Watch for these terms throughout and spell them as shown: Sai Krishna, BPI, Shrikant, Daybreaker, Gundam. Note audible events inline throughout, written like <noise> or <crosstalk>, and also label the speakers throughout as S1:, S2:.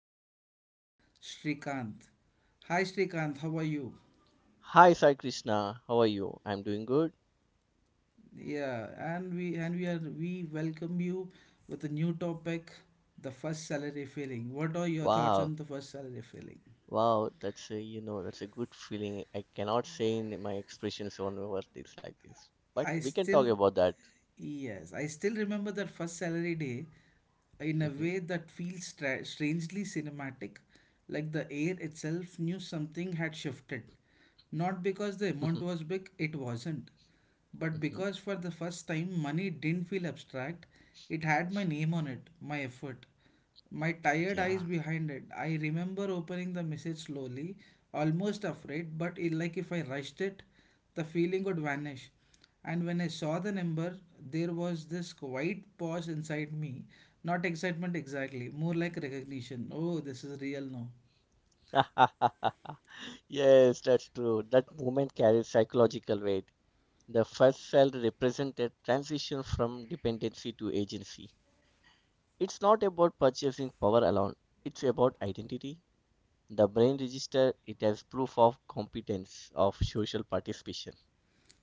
S1: my co-host Shrikant. Hi Shrikant, how are you?
S2: Hi, Sai Krishna. How are you? I'm doing good.
S1: Yeah, and we welcome you with a new topic, the first salary feeling. What are your thoughts
S2: Wow,
S1: on the first salary feeling?
S2: wow, that's a good feeling. I cannot say in my expressions on over things like this, but
S1: I
S2: we can talk
S1: still,
S2: about that.
S1: yes, I still remember that first salary day in a
S2: Hmm.
S1: way that feels strangely cinematic, like the air itself knew something had shifted. Not because the amount was big, it wasn't, but
S2: <laughs> Hmm.
S1: because for the first time money didn't feel abstract, it had my name on it, my effort. My tired eyes
S2: Yeah.
S1: behind it. I remember opening the message slowly, almost afraid, but it, like if I rushed it, the feeling would vanish. And when I saw the number, there was this quiet pause inside me. Not excitement exactly, more like recognition. Oh, this is real now.
S2: <laughs> Yes, that's true. That movement carries psychological weight. The first cell represented transition from dependency to agency. It's not about purchasing power alone. It's about identity. The brain register it as proof of competence of social participation.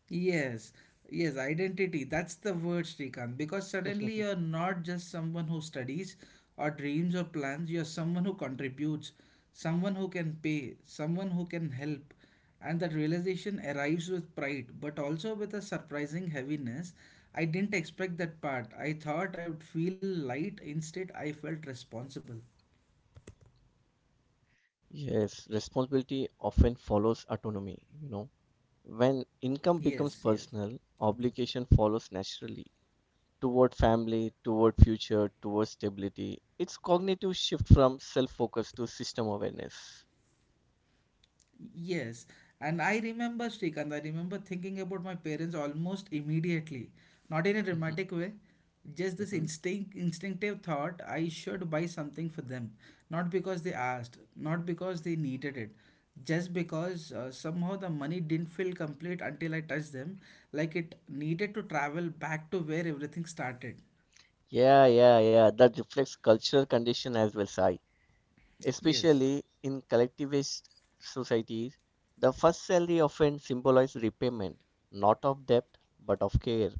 S1: Yes, yes, identity. That's the word, Srikanth. Because suddenly you're
S2: <laughs>
S1: not just someone who studies or dreams or plans, you're someone who contributes, someone who can pay, someone who can help. And that realization arrives with pride, but also with a surprising heaviness. I didn't expect that part. I thought I would feel light, instead, I felt responsible.
S2: Yes, responsibility often follows autonomy. When income
S1: Yes,
S2: becomes
S1: yes.
S2: personal, obligation follows naturally toward family, toward future, toward stability. It's cognitive shift from self-focus to system awareness. <laughs>
S1: Yes, and I remember Shrikant, I remember thinking about my parents almost immediately. Not in a
S2: Mhm,
S1: dramatic way, just this
S2: mhm.
S1: instinctive thought I should buy something for them. Not because they asked, not because they needed it, just because somehow the money didn't feel complete until I touched them, like it needed to travel back to where everything started.
S2: Yeah, yeah, yeah. That reflects cultural condition as well, Sai.
S1: Yes.
S2: Especially in collectivist societies, the first salary often symbolizes repayment, not of debt but of care.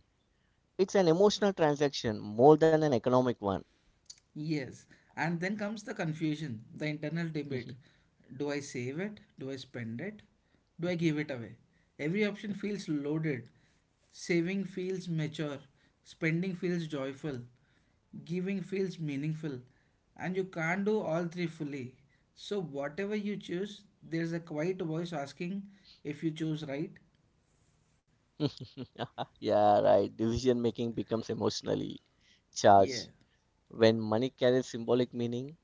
S2: It's an emotional transaction more than an economic one.
S1: Yes, and then comes the confusion, the internal debate.
S2: <laughs>
S1: Do I save it? Do I spend it? Do I give it away? Every option feels loaded. Saving feels mature. Spending feels joyful. Giving feels meaningful. And you can't do all three fully. So, whatever you choose, there's a quiet voice asking if you chose right.
S2: Yeah, right. Decision making becomes emotionally
S1: Yeah.
S2: charged. When money carries symbolic meaning,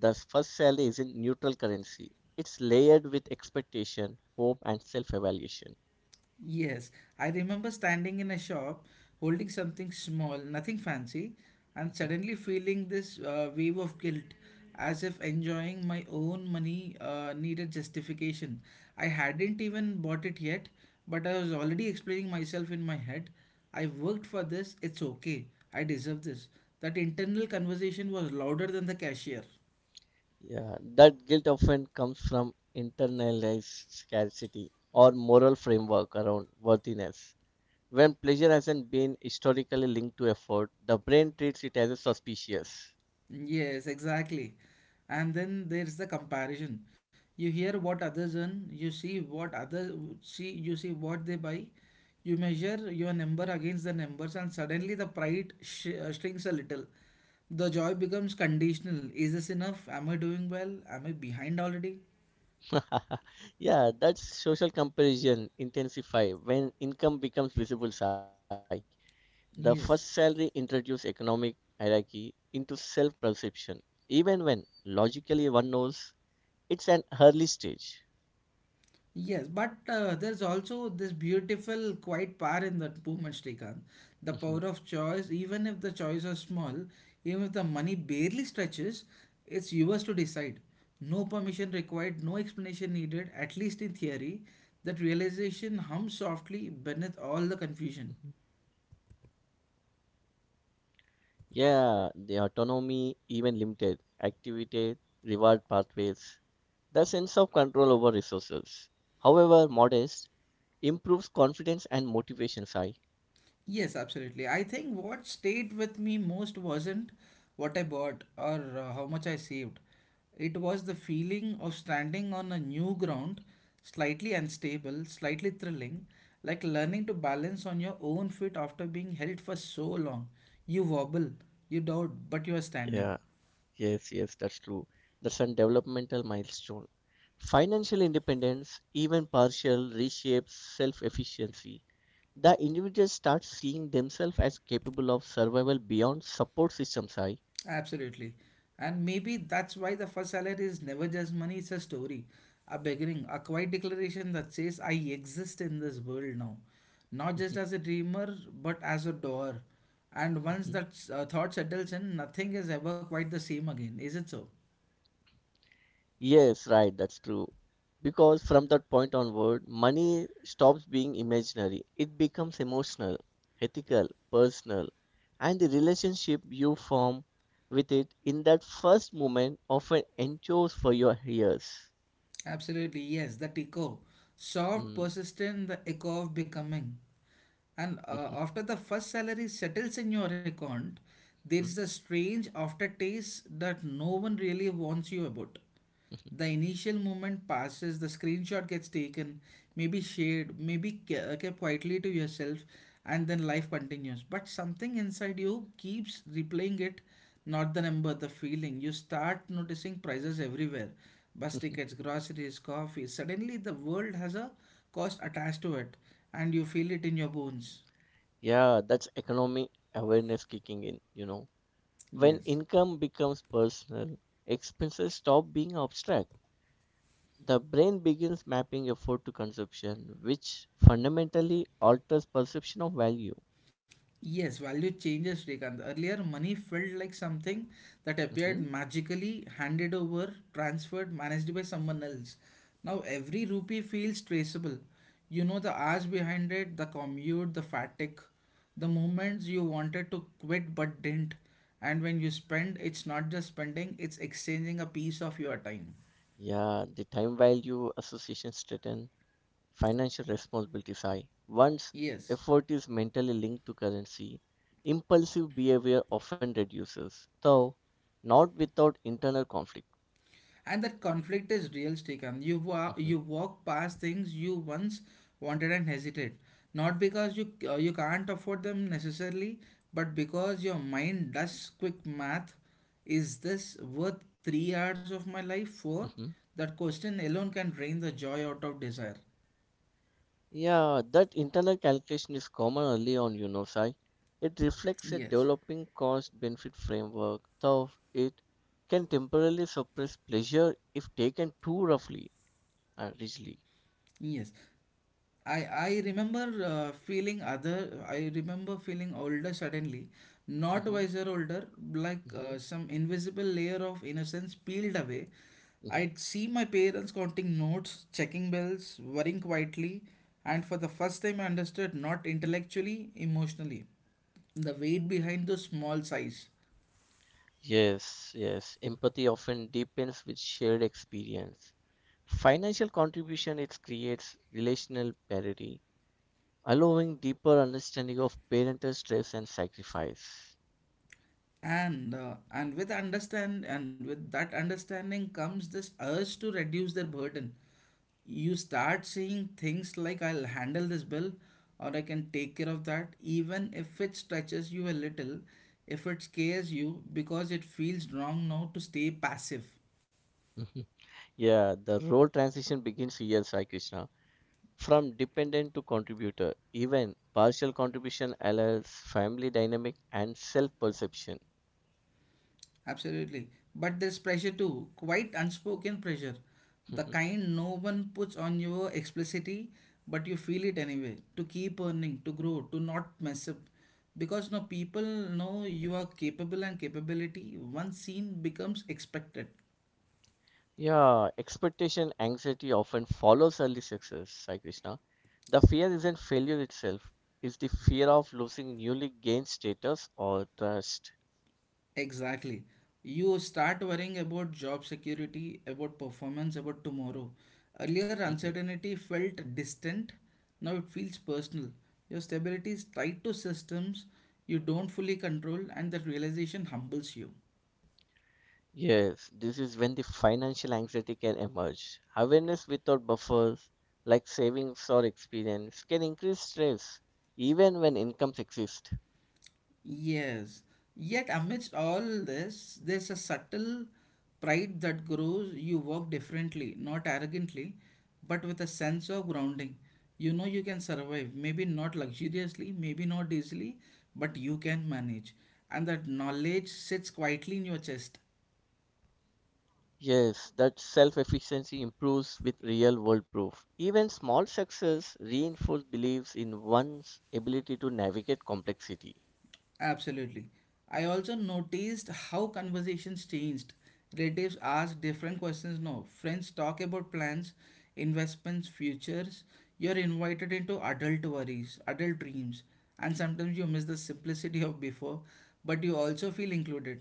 S2: the first salary isn't neutral currency. It's layered with expectation, hope, and self evaluation. <laughs>
S1: Yes, I remember standing in a shop holding something small, nothing fancy, and suddenly feeling this wave of guilt as if enjoying my own money needed justification. I hadn't even bought it yet, but I was already explaining myself in my head. I worked for this, it's okay, I deserve this. That internal conversation was louder than the cashier.
S2: Yeah, that guilt often comes from internalized scarcity or moral framework around worthiness. When pleasure hasn't been historically linked to effort, the brain treats it as a suspicious.
S1: Yes, exactly. And then there's the comparison. You hear what others earn, you see what other see you see what they buy, you measure your number against the numbers, and suddenly the pride shrinks a little. The joy becomes conditional. Is this enough? Am I doing well? Am I behind already?
S2: <laughs> Yeah, that social comparison intensify when income becomes visible high. The first salary
S1: Yes.
S2: introduces economic hierarchy into self-perception, even when logically one knows it's an early stage.
S1: Yes, but there's also this beautiful, quiet power in that movement, Srikanth. The power of
S2: <laughs>
S1: choice, even if the choice are small, even if the money barely stretches, it's yours to decide. No permission required, no explanation needed, at least in theory. That realization hums softly beneath all the
S2: Mhm.
S1: confusion.
S2: Yeah, the autonomy, even limited activity, reward pathways, the sense of control over resources. However, modest improves confidence and motivation. I
S1: Yes, absolutely. I think what stayed with me most wasn't what I bought or how much I saved. It was the feeling of standing on a new ground, slightly unstable, slightly thrilling, like learning to balance on your own feet after being held for so long. You wobble, you doubt, but you are standing.
S2: Yeah, yes, yes, that's true. That's a developmental milestone. Financial independence, even partial, reshapes self efficiency. The individual starts seeing themselves as capable of survival beyond support systems. I
S1: Absolutely. And maybe that's why the first salary is never just money, it's a story, a beginning, a quiet declaration that says, I exist in this world now. Not just as a dreamer, but as a doer. And once that
S2: <laughs>
S1: thought settles in, nothing is ever quite the same again, is it so?
S2: Yes, right, that's true. Because from that point onward, money stops being imaginary. It becomes emotional, ethical, personal, and the relationship you form with it in that first moment often endures for your years.
S1: Absolutely, yes, that echo. Soft,
S2: Mm.
S1: persistent, the echo of becoming. And after
S2: <laughs>
S1: the first salary settles in your account, there is a strange aftertaste that no one really warns you about. The initial moment passes, the screenshot gets taken, maybe shared, maybe kept quietly to yourself, and then life continues. But something inside you keeps replaying it, not the number, the feeling. You start noticing prices everywhere bus tickets, groceries, coffee. Suddenly, the world has a cost attached to it, and you feel it in your bones.
S2: Yeah, that's economic awareness kicking in. When
S1: Yes.
S2: income becomes personal, expenses stop being abstract. The brain begins mapping effort to consumption, which fundamentally alters perception of value.
S1: Yes, value changes, Srikant. Earlier, money felt like something that appeared
S2: Hmm.
S1: magically handed over, transferred, managed by someone else. Now, every rupee feels traceable. You know the hours behind it, the commute, the fatigue, the moments you wanted to quit but didn't. And when you spend, it's not just spending, it's exchanging a piece of your time.
S2: Yeah, the time value association strengthen, financial responsibilities high. Once
S1: Yes,
S2: effort is mentally linked to currency, impulsive behavior often reduces, though not without internal conflict.
S1: and that conflict is real, Srikanth. You walk past things you once wanted and hesitate, not because you you can't afford them necessarily, but because your mind does quick math. Is this worth 3 hours of my life for?
S2: <laughs>
S1: That question alone can drain the joy out of desire.
S2: Yeah, that internal calculation is common early on, Sai. It reflects a
S1: Yes,
S2: developing cost benefit framework, though it can temporarily suppress pleasure if taken too roughly and rigidly.
S1: yes. I remember feeling other. I remember feeling older suddenly, not
S2: Hmm.
S1: wiser older, like
S2: Hmm.
S1: some invisible layer of innocence peeled away.
S2: Hmm.
S1: I'd see my parents counting notes, checking bills, worrying quietly, and for the first time I understood not intellectually, emotionally, the weight behind those small sighs.
S2: Yes, yes. Empathy often deepens with shared experience. Financial contribution it creates relational parity, allowing deeper understanding of parental stress and sacrifice.
S1: And with that understanding comes this urge to reduce their burden you start seeing things like I'll handle this bill or I can take care of that, even if it stretches you a little, if it scares you, because it feels wrong now to stay passive.
S2: Mm-hmm. Yeah, the role transition begins here, Sai Krishna. From dependent to contributor, even partial contribution allows family dynamic and self perception.
S1: Absolutely. But there's pressure too, quite unspoken pressure. The
S2: <laughs>
S1: kind no one puts on your explicitly, but you feel it anyway. To keep earning, to grow, to not mess up. Because no people know you are capable and capability, once seen becomes expected.
S2: Yeah, expectation anxiety often follows early success, Sai Krishna. The fear isn't failure itself, it's the fear of losing newly gained status or trust.
S1: Exactly. You start worrying about job security, about performance, about tomorrow. Earlier,
S2: Mhm.
S1: uncertainty felt distant. Now it feels personal. Your stability is tied to systems you don't fully control, and that realization humbles you.
S2: Yes, this is when the financial anxiety can emerge. Awareness without buffers, like savings or experience, can increase stress even when incomes exist.
S1: Yes. Yet amidst all this, there's a subtle pride that grows. You walk differently, not arrogantly, but with a sense of grounding. You know you can survive, maybe not luxuriously, maybe not easily, but you can manage. And that knowledge sits quietly in your chest.
S2: Yes, that self efficiency improves with real world proof. Even small success reinforce beliefs in one's ability to navigate complexity.
S1: Absolutely. I also noticed how conversations changed. Relatives ask different questions now. Friends talk about plans, investments, futures. You're invited into adult worries, adult dreams, and sometimes you miss the simplicity of before, but you also feel included.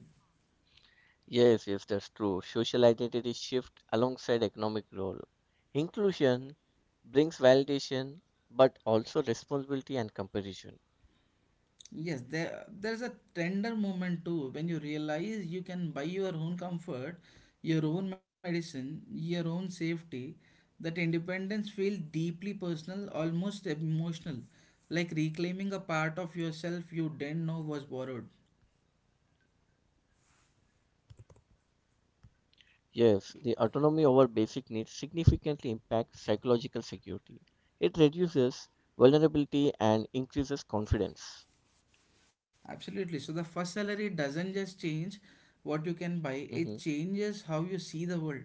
S2: Yes, yes, that's true. Social identity shift alongside economic role. Inclusion brings validation but also responsibility and comparison.
S1: Yes, there's a tender moment too when you realize you can buy your own comfort, your own medicine, your own safety. That independence feels deeply personal, almost emotional, like reclaiming a part of yourself you didn't know was borrowed.
S2: Yes, the autonomy over basic needs significantly impacts psychological security. It reduces vulnerability and increases confidence.
S1: Absolutely. So the first salary doesn't just change what you can buy,
S2: Hmm.
S1: it changes how you see the world,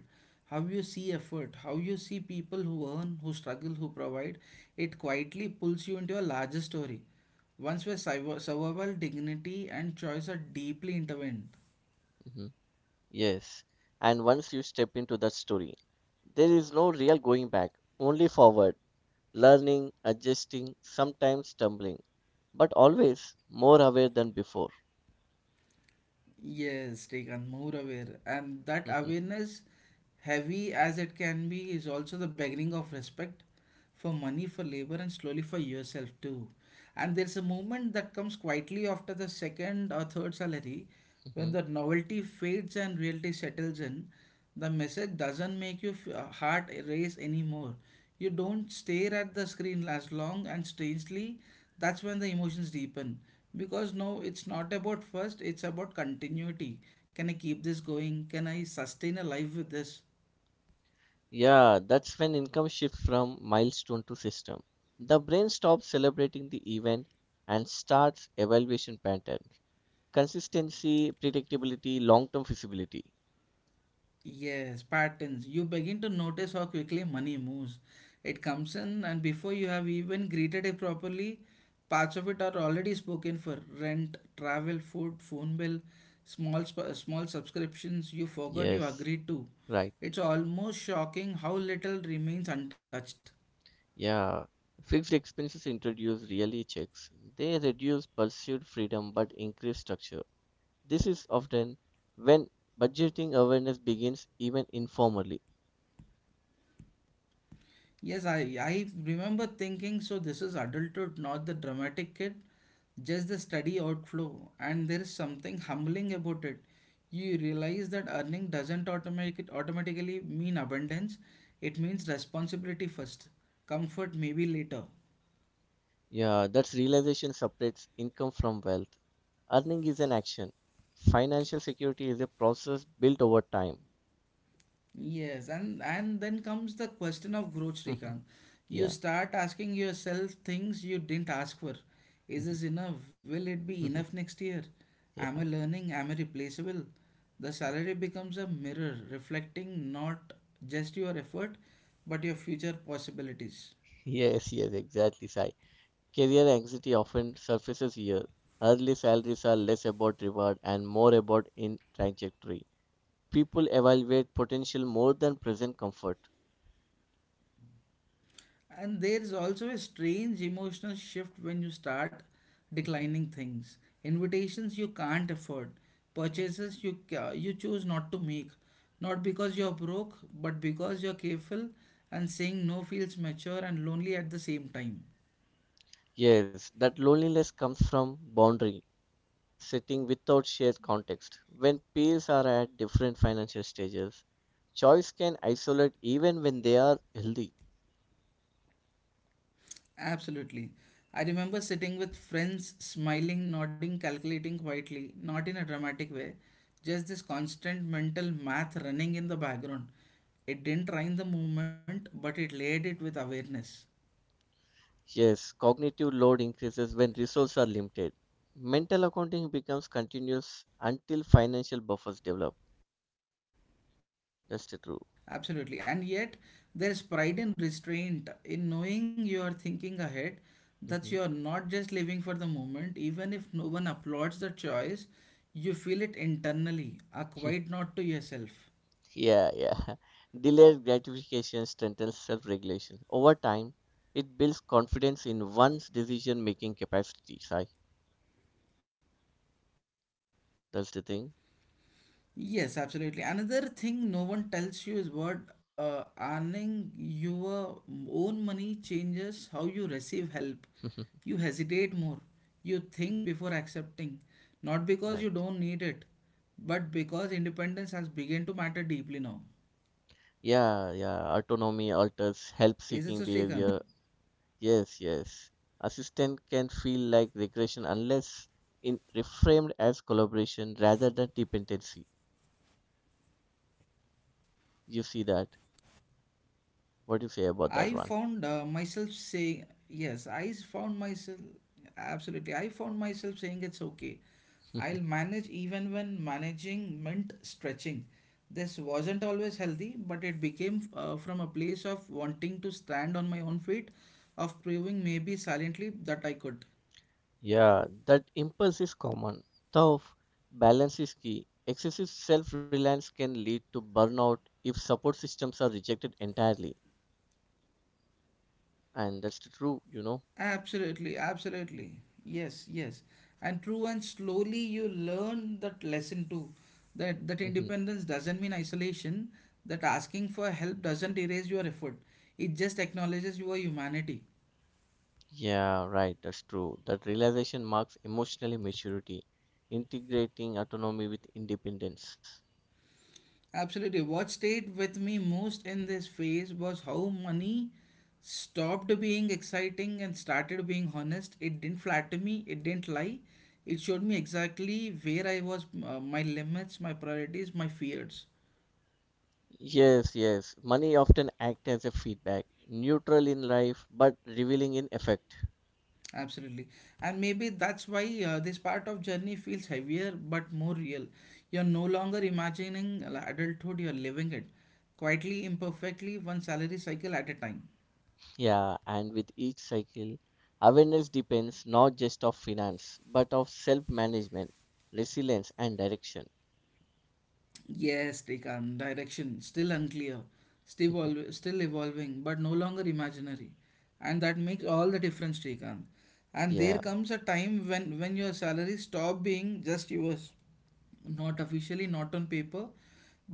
S1: how you see effort, how you see people who earn, who struggle, who provide. It quietly pulls you into a larger story. Once where survival, dignity, and choice are deeply intertwined.
S2: Hmm. Yes, and once you step into that story, there is no real going back, only forward, learning, adjusting, sometimes stumbling, but always more aware than before.
S1: Yes, Srikanth, more aware. And that
S2: <laughs>
S1: awareness, heavy as it can be, is also the beginning of respect for money, for labor, and slowly for yourself too. And there's a moment that comes quietly after the second or third salary when the novelty fades and reality settles in. The message doesn't make your heart race anymore. You don't stare at the screen as long, and strangely, that's when the emotions deepen. Because no, it's not about first, it's about continuity. Can I keep this going? Can I sustain a life with this?
S2: Yeah, that's when income shifts from milestone to system. The brain stops celebrating the event and starts evaluation patterns. Consistency, predictability, long-term feasibility.
S1: Yes, patterns. You begin to notice how quickly money moves. It comes in, and before you have even greeted it properly, parts of it are already spoken for rent, travel, food, phone bill, small subscriptions you forgot you
S2: Yes,
S1: agreed to.
S2: right.
S1: It's almost shocking how little remains untouched.
S2: Yeah. Fixed expenses introduce reality checks. They reduce pursued freedom but increase structure. This is often when budgeting awareness begins even informally.
S1: Yes, I remember thinking so this is adulthood, not the dramatic kid just the steady outflow, and there is something humbling about it. You realize that earning doesn't automatic, automatically mean abundance, it means responsibility first, comfort maybe later.
S2: Yeah, that realization separates income from wealth. Earning is an action. Financial security is a process built over time.
S1: Yes, and then comes the question of growth,
S2: <laughs>
S1: Srikanth. You
S2: Yeah.
S1: start asking yourself things you didn't ask for. Is
S2: Mhm.
S1: this enough? Will it be enough
S2: <laughs>
S1: next year? Am
S2: Yeah.
S1: I learning? Am I replaceable? The salary becomes a mirror reflecting not just your effort, but your future possibilities.
S2: Yes, yes, exactly, Sai. Career anxiety often surfaces here. Early salaries are less about reward and more about in trajectory. People evaluate potential more than present comfort. <laughs>
S1: And there is also a strange emotional shift when you start
S2: Mhm,
S1: declining things. Invitations you can't afford,
S2: right.
S1: purchases you choose not to make, not because you're broke, but because you're careful and saying no feels mature and lonely at the same time.
S2: Yes, that loneliness comes from boundary, sitting without shared context. When peers are at different financial stages, choice can isolate even when they are healthy.
S1: Absolutely. I remember sitting with friends, smiling, nodding, calculating quietly, not in a dramatic way, just this constant mental math running in the background. It didn't rhyme the movement, but it laid it with awareness.
S2: Yes, cognitive load increases when resources are limited. Mental accounting becomes continuous until financial buffers develop. That's the true.
S1: Absolutely. And yet, there's pride and restraint in knowing you are thinking ahead, that
S2: Mhm.
S1: you are not just living for the moment, even if no one applauds the choice, you feel it internally, a quiet
S2: <laughs>
S1: nod to yourself.
S2: Yeah, yeah. Delayed gratification strengthens self regulation. Over time, it builds confidence in one's decision making capacity, Sai. That's the thing.
S1: Yes, absolutely. Another thing no one tells you is what earning your own money changes how you receive help. You
S2: <laughs>
S1: hesitate more. You think twice before accepting. Not because
S2: Right.
S1: you don't need it, but because independence has begun to matter deeply now.
S2: Yeah, yeah. Autonomy alters help
S1: Is it
S2: seeking
S1: so, Srikanth?
S2: behavior. Yes, yes. Assistant can feel like regression unless in reframed as collaboration rather than dependency. You see that?
S1: I
S2: What do you say
S1: found
S2: about that one?
S1: myself saying, yes, I found myself, absolutely, I found myself saying it's okay. I'll manage
S2: <laughs>
S1: even when managing meant stretching. This wasn't always healthy, but it became from a place of wanting to stand on my own feet, of proving maybe silently that I could.
S2: Yeah, that impulse is common. Tough balance is key. Excessive self-reliance can lead to burnout if support systems are rejected entirely. And that's true.
S1: Absolutely, absolutely. Yes, yes. And true and slowly you learn that lesson too. That that
S2: Mm-hmm.
S1: independence doesn't mean isolation, that asking for help doesn't erase your effort. It just acknowledges your humanity.
S2: Yeah, right, that's true. That realization marks emotionally maturity, integrating autonomy with independence.
S1: Absolutely. What stayed with me most in this phase was how money stopped being exciting and started being honest. It didn't flatter me, it didn't lie. It showed me exactly where I was, my limits, my priorities, my fears.
S2: Yes, yes. Money often acts as a feedback, neutral in life, but revealing in effect.
S1: Absolutely. And maybe that's why this part of journey feels heavier but more real. You're no longer imagining adulthood, you're living it quietly, imperfectly, one salary cycle at a time.
S2: Yeah, and with each cycle, awareness depends not just of finance, but of self-management, resilience, and direction.
S1: Yes, Srikanth, direction still unclear. Still,
S2: <laughs>
S1: still evolving but no longer imaginary, and that makes all the difference, Srikanth. And there
S2: Yeah,
S1: comes a time when your salary stop being just yours, not officially, not on paper,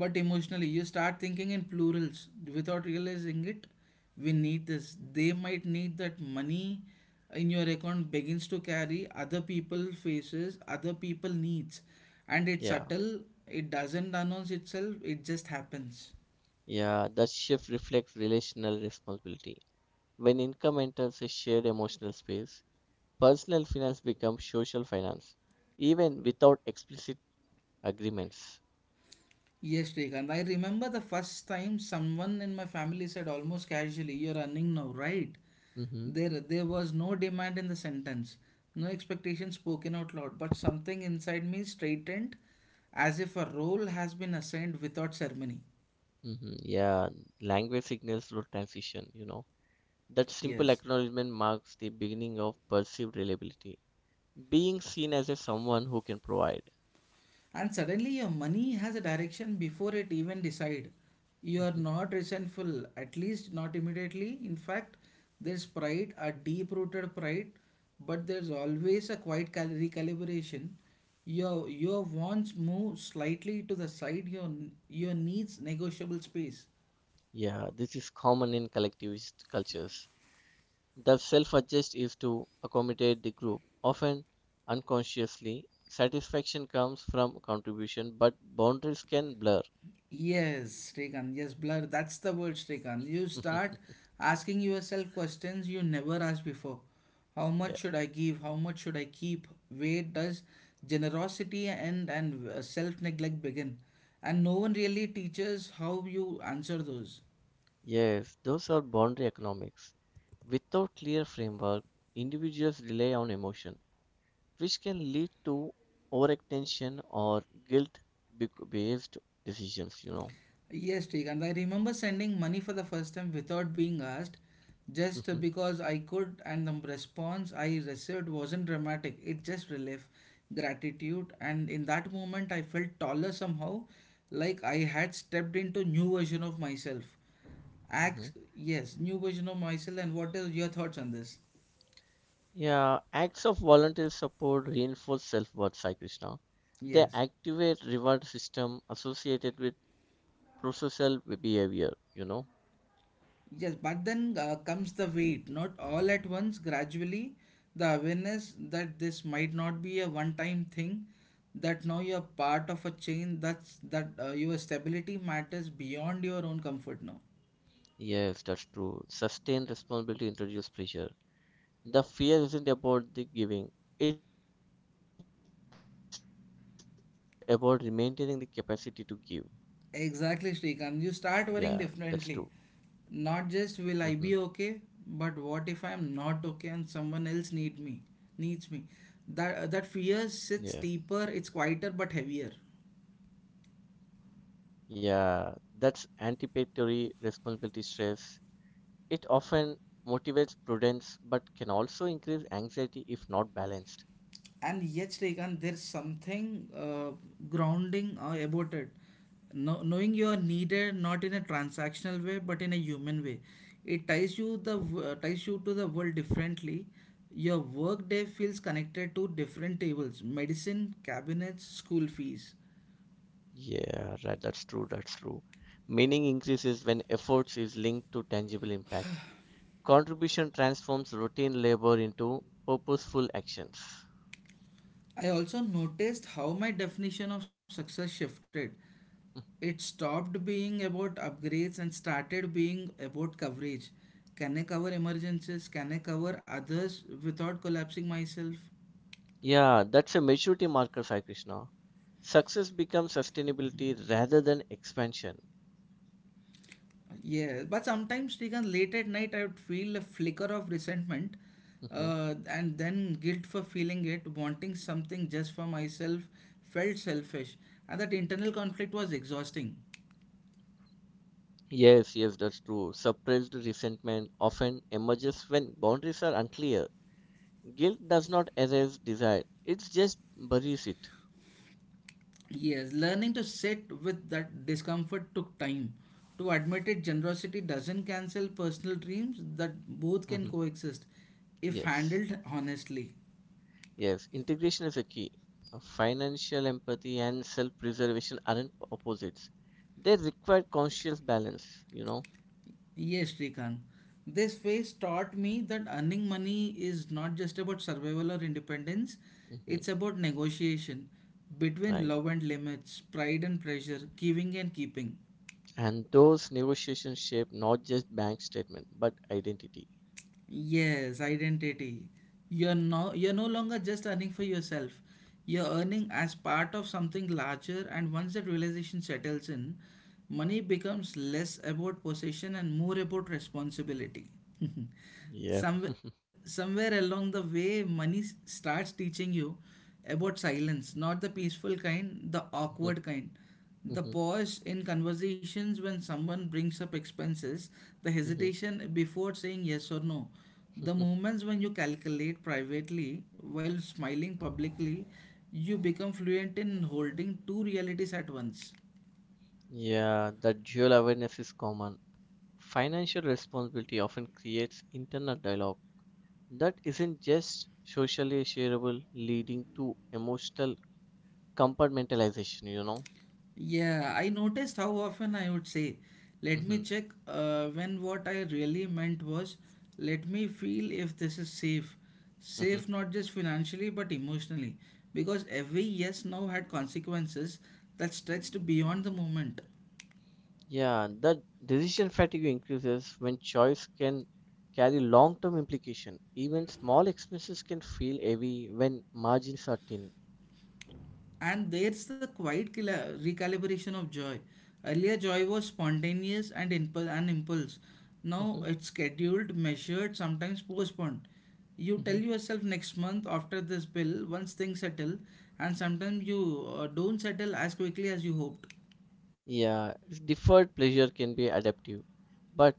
S1: but emotionally you start thinking in plurals without realizing it. We need this, they might need that. Money in your account begins to carry other people faces, other people needs, and it's
S2: yeah,
S1: subtle. It doesn't announce itself, it just happens.
S2: yeah. That shift reflects relational responsibility. When income enters a shared emotional space, personal finance becomes social finance, even without explicit agreements.
S1: Yes, Shrikant. I remember the first time someone in my family said almost casually, you're earning now, right?
S2: Mm-hmm.
S1: There was no demand in the sentence, no expectation spoken out loud, but something inside me straightened, as if a role has been assigned without ceremony.
S2: Mm-hmm. Yeah, language signals through transition. That simple
S1: Yes.
S2: acknowledgement marks the beginning of perceived reliability, being seen as a someone who can provide.
S1: And suddenly your money has a direction before it even decide. You are
S2: Hmm.
S1: not resentful, at least not immediately. In fact, there's pride, a deep rooted pride, but there's always a quiet recalibration. Your wants move slightly to the side, your needs negotiable space.
S2: Yeah, this is common in collectivist cultures. The self-adjust is to accommodate the group, often unconsciously. Satisfaction comes from contribution, but boundaries can blur.
S1: Yes, Srikanth. Yes, blur. That's the word, Srikanth. You start
S2: <laughs>
S1: asking yourself questions you never asked before. How much should I give? How much should I keep? Where does generosity end and self neglect begin? And no one really teaches how you answer those.
S2: Yes, those are boundary economics. Without clear framework, individuals rely on emotion, which can lead to overextension or guilt-based decisions.
S1: Yes, Shrikant, I remember sending money for the first time without being asked, just
S2: <laughs>
S1: because I could, and the response I received wasn't dramatic. It just relief, gratitude, and in that moment, I felt taller somehow, like I had stepped into new version of myself.
S2: Mhm.
S1: Acts, yes, new version of myself. And what is your thoughts on this?
S2: Yeah, acts of voluntary support reinforce self-worth, Sai Krishna. They
S1: Yes.
S2: activate reward system associated with processal behavior.
S1: Yes, but then comes the wait, not all at once, gradually, the awareness that this might not be a one-time thing, that now you're part of a chain, that's that your stability matters beyond your own comfort now.
S2: Yes, that's true. Sustained responsibility introduces pressure. The fear isn't about the giving, it's about maintaining the capacity to give.
S1: Exactly, Shrikant. You start worrying
S2: Yeah,
S1: differently.
S2: that's true.
S1: Not just will I be okay, but
S2: Hmm.
S1: what if I'm not okay and someone else need me, needs me. That fear sits deeper, it's quieter
S2: Yeah,
S1: but heavier.
S2: yeah, that's anticipatory responsibility stress. It often motivates prudence but can also increase anxiety if not balanced.
S1: And yet Shrikant, there's something grounding about it. No, knowing you are needed not in a transactional way but in a human way, it ties you the ties you to the world differently. Your work day feels connected to different tables, medicine, cabinets, school fees.
S2: Yeah, right, that's true, that's true. Meaning increases when efforts is linked to tangible impact. Contribution transforms routine labor into purposeful actions.
S1: I also noticed how my definition of success shifted. It stopped being about upgrades and started being about coverage. Can I cover emergencies? Can I cover others without collapsing myself?
S2: Yeah, that's a maturity marker, Sai Krishna. Success becomes sustainability rather than expansion.
S1: Yeah, but sometimes, Srikanth, late at night, I would feel a flicker of resentment,
S2: Mhm.
S1: and then guilt for feeling it, wanting something just for myself, felt selfish. And that internal conflict was exhausting.
S2: Yes, yes, that's true. Suppressed resentment often emerges when boundaries are unclear. Guilt does not erase desire, it just buries it.
S1: Yes, learning to sit with that discomfort took time. To admit it, generosity doesn't cancel personal dreams, that both can
S2: Mhm.
S1: coexist if
S2: Yes,
S1: handled honestly.
S2: yes, integration is a key. Financial empathy and self preservation aren't opposites, they require conscious balance.
S1: Yes, Srikanth. This phase taught me that earning money is not just about survival or independence,
S2: Hmm.
S1: it's about negotiation between
S2: Right.
S1: love and limits, pride and pressure, giving and keeping.
S2: And those negotiations shape not just bank statement, but identity.
S1: Yes, identity. You're no longer just earning for yourself. You're earning as part of something larger, and once that realization settles in, money becomes less about possession and more about responsibility. <laughs>
S2: Yeah.
S1: Somewhere along the way money starts teaching you about silence, not the peaceful kind, the awkward kind. The
S2: <laughs>
S1: pause in conversations when someone brings up expenses, the hesitation before saying yes or no, the moments when you calculate privately while smiling publicly, you become fluent in holding two realities at once.
S2: Yeah, that dual awareness is common. Financial responsibility often creates internal dialogue that isn't just socially shareable, leading to emotional compartmentalization.
S1: Yeah, I noticed how often I would say, let me
S2: Hmm.
S1: check when what I really meant was, let me feel if this is safe. Safe not just financially but emotionally. Because every yes now had consequences that stretched beyond the moment.
S2: Yeah, the decision fatigue increases when choice can carry long-term implication. Even small expenses can feel heavy when margins are thin.
S1: And there's the quiet recalibration of joy. Earlier, joy was spontaneous and impulse, an impulse. Now
S2: Mhm,
S1: it's scheduled, measured, sometimes postponed. You tell
S2: mhm.
S1: yourself next month after this bill, once things settle, and sometimes you don't settle as quickly as you hoped.
S2: Yeah, deferred pleasure can be adaptive, but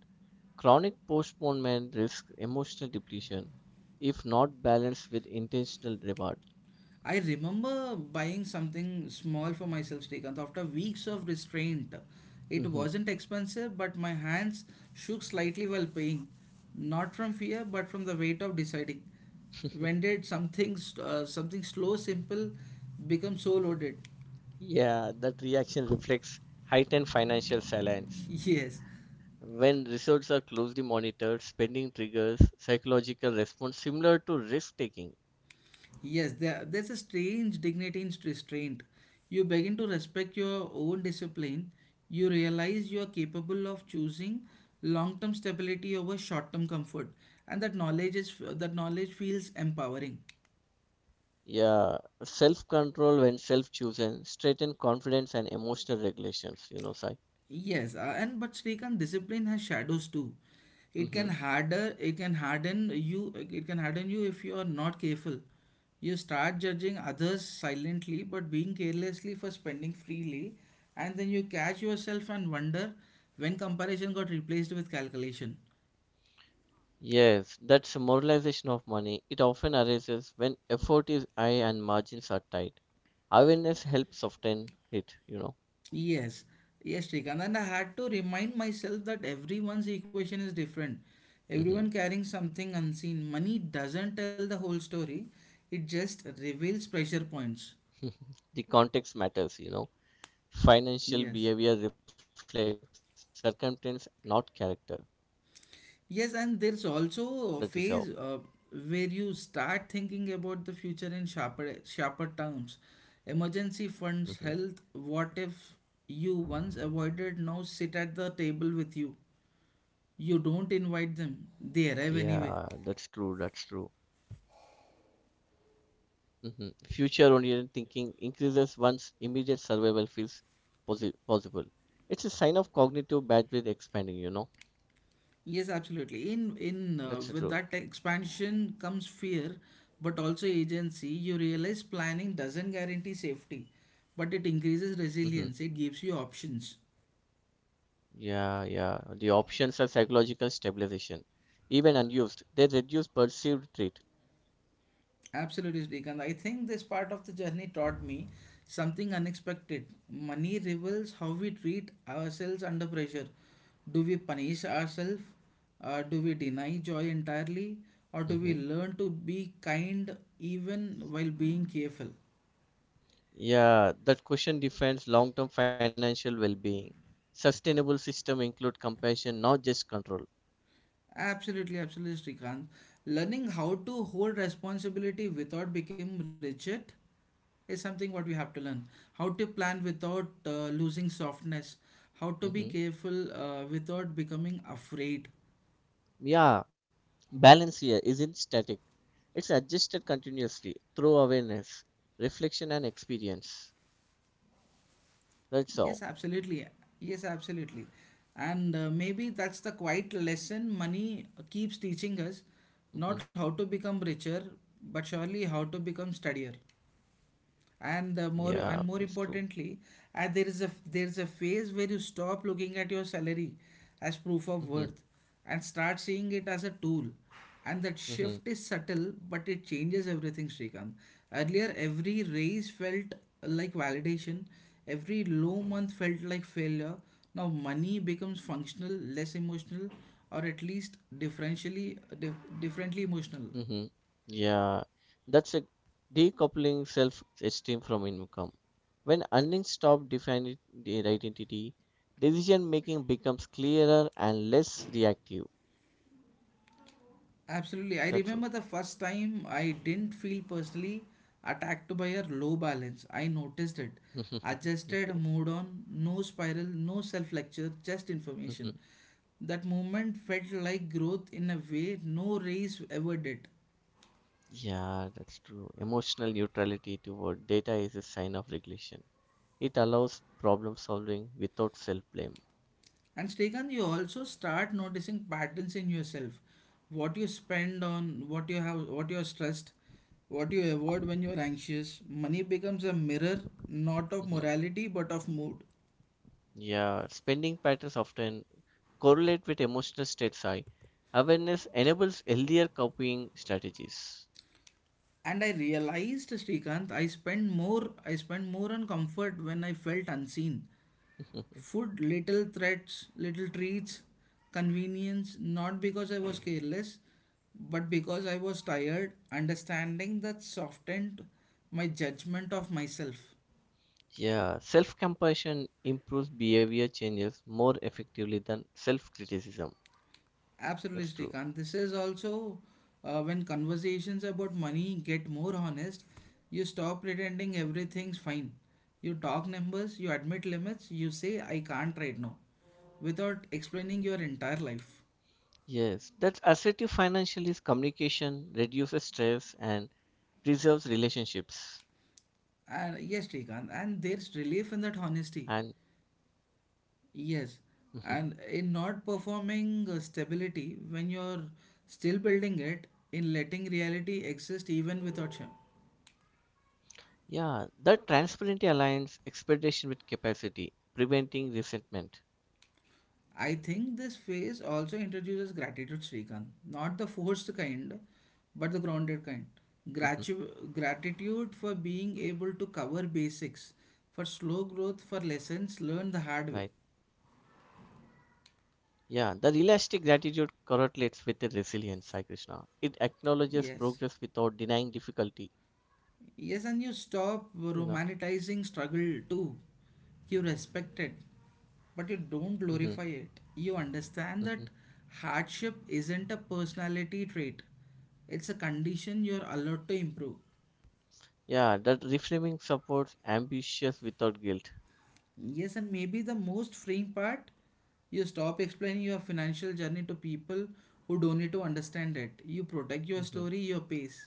S2: chronic postponement risks emotional depletion if not balanced with intentional reward.
S1: I remember buying something small for myself, Srikanth. After weeks of restraint, it
S2: Mhm.
S1: wasn't expensive, but my hands shook slightly while paying. Not from fear, but from the weight of deciding. When
S2: <laughs>
S1: did something slow, simple, become so loaded?
S2: Yeah, that reaction reflects heightened financial silence.
S1: <laughs> yes,
S2: When results are closely monitored, spending triggers psychological response similar to risk taking.
S1: Yes, there's a strange dignity in restraint. You begin to respect your own discipline. You realize you are capable of choosing long-term stability over short-term comfort, and that knowledge feels empowering.
S2: Yeah, self control when self chosen, strengthen confidence and emotional regulations, Sai.
S1: Yes, and but Srikant, discipline has shadows too. It can
S2: Hmm.
S1: harder, it can harden you. It can harden you if you are not careful. You start judging others silently, but being carelessly for spending freely, and then you catch yourself and wonder when comparison got replaced with calculation.
S2: Yes, that's a moralization of money. It often arises when effort is high and margins are tight. Awareness helps soften it.
S1: Yes, yes, Shrikant. And I had to remind myself that everyone's equation is different.
S2: Hmm.
S1: Everyone carrying something unseen. Money doesn't tell the whole story, it just reveals pressure points.
S2: <laughs> The context matters. Financial
S1: Yes.
S2: behavior reflects circumstance, not character.
S1: Yes, and there's
S2: That is how.
S1: also a phase where you start thinking about the future in sharper terms. Emergency funds, health,
S2: Mhm.
S1: what if you once avoided now sit at the table with you? You don't invite them, they arrive
S2: Yeah,
S1: anyway.
S2: that's true. That's true. Hmm. Future-oriented thinking increases one's immediate survival feels possible. It's a sign of cognitive bandwidth expanding.
S1: Yes, absolutely. In With
S2: That's
S1: that
S2: true.
S1: expansion comes fear, but also agency. You realize planning doesn't guarantee safety, but it increases resilience.
S2: Hmm.
S1: It gives you options.
S2: Yeah, yeah. The options are psychological stabilization. Even unused, they reduce perceived threat.
S1: Absolutely, Srikanth. I think this part of the journey taught me something unexpected. Money reveals how we treat ourselves under pressure. Do we punish ourselves? Do we deny joy entirely? Or do we
S2: Hmm.
S1: learn to be kind even while being careful?
S2: Yeah, that question defines long-term financial well-being. Sustainable system include compassion, not just control.
S1: Absolutely, absolutely, Srikanth. Learning how to hold responsibility without becoming rigid is something what we have to learn. How to plan without losing softness. How to be
S2: Hmm.
S1: careful without becoming afraid.
S2: Yeah, balance here isn't static, it's adjusted continuously through awareness, reflection, and experience. That's
S1: Yes,
S2: all.
S1: absolutely. Yes, absolutely. And maybe that's the quiet lesson money keeps teaching us.
S2: Hmm.
S1: Not how to become richer, but surely how to become steadier. And
S2: Yeah,
S1: more and
S2: that's
S1: more
S2: true.
S1: importantly, there is a phase where you stop looking at your salary as proof of
S2: Hmm.
S1: worth and start seeing it as a tool, and that
S2: Hmm.
S1: shift is subtle but it changes everything, Srikanth. Earlier every raise felt like validation, every low month felt like failure. Now money becomes functional, less emotional, or at least differentially differently emotional.
S2: Hmm. Yeah, that's a decoupling self esteem from income. When earnings stop defining the identity, decision making becomes clearer and less reactive.
S1: Absolutely. I
S2: That's all.
S1: remember the first time I didn't feel personally attacked by a low balance. I noticed it.
S2: <laughs> Okay.
S1: Adjusted, moved on, no spiral, no self lecture, just information.
S2: <laughs>
S1: That moment felt like growth in a way no race ever did.
S2: Yeah, that's true. Emotional neutrality toward data is a sign of regulation. It allows problem solving without self-blame.
S1: And Srikanth, you also start noticing patterns in yourself. What you spend on, what you have, what you are stressed, what you avoid when you are anxious. Money becomes a mirror, not of
S2: Mhm.
S1: morality, but of mood.
S2: Yeah, spending patterns often correlate with emotional states. I Awareness enables healthier coping strategies.
S1: And I realized, Srikanth, I spent more on comfort when I felt unseen.
S2: <laughs>
S1: Food, little threats, little treats, convenience, not because I was careless, but because I was tired, understanding that softened my judgment of myself.
S2: Yeah, self-compassion improves behavior changes more effectively than self-criticism.
S1: Absolutely,
S2: That's true.
S1: Srikanth. This is also when conversations about money get more honest, you stop pretending everything's fine. You talk numbers, you admit limits, you say, I can't right now, without explaining your entire life.
S2: Yes, that's assertive financial is communication, reduces stress, and preserves relationships.
S1: And yes, Srikanth, and there's relief in
S2: And
S1: that honesty. Yes,
S2: mhm.
S1: and in not performing stability when you're still building it, in letting reality exist even without shame.
S2: Yeah, that transparency aligns expectation with capacity, preventing resentment.
S1: I think this phase also introduces gratitude, Srikanth. Not the forced kind, but the
S2: Hmm.
S1: grounded kind. Gratitude for being able to cover basics, for slow growth, for lessons
S2: Right.
S1: learned the hard way.
S2: Yeah, the realistic gratitude correlates with the resilience, Sai Krishna. It acknowledges progress
S1: Yes.
S2: without denying difficulty,
S1: Yes, and you stop
S2: you know.
S1: romanticizing struggle too. You respect it, but you don't
S2: Hmm.
S1: glorify it. You understand that
S2: Hmm.
S1: hardship isn't a personality trait, it's a condition you're allowed to improve.
S2: Yeah, that reframing supports ambitious without guilt.
S1: Yes, and maybe the most freeing part, you stop explaining your financial journey to people who don't need to understand it. You protect your
S2: Hmm.
S1: story, your pace.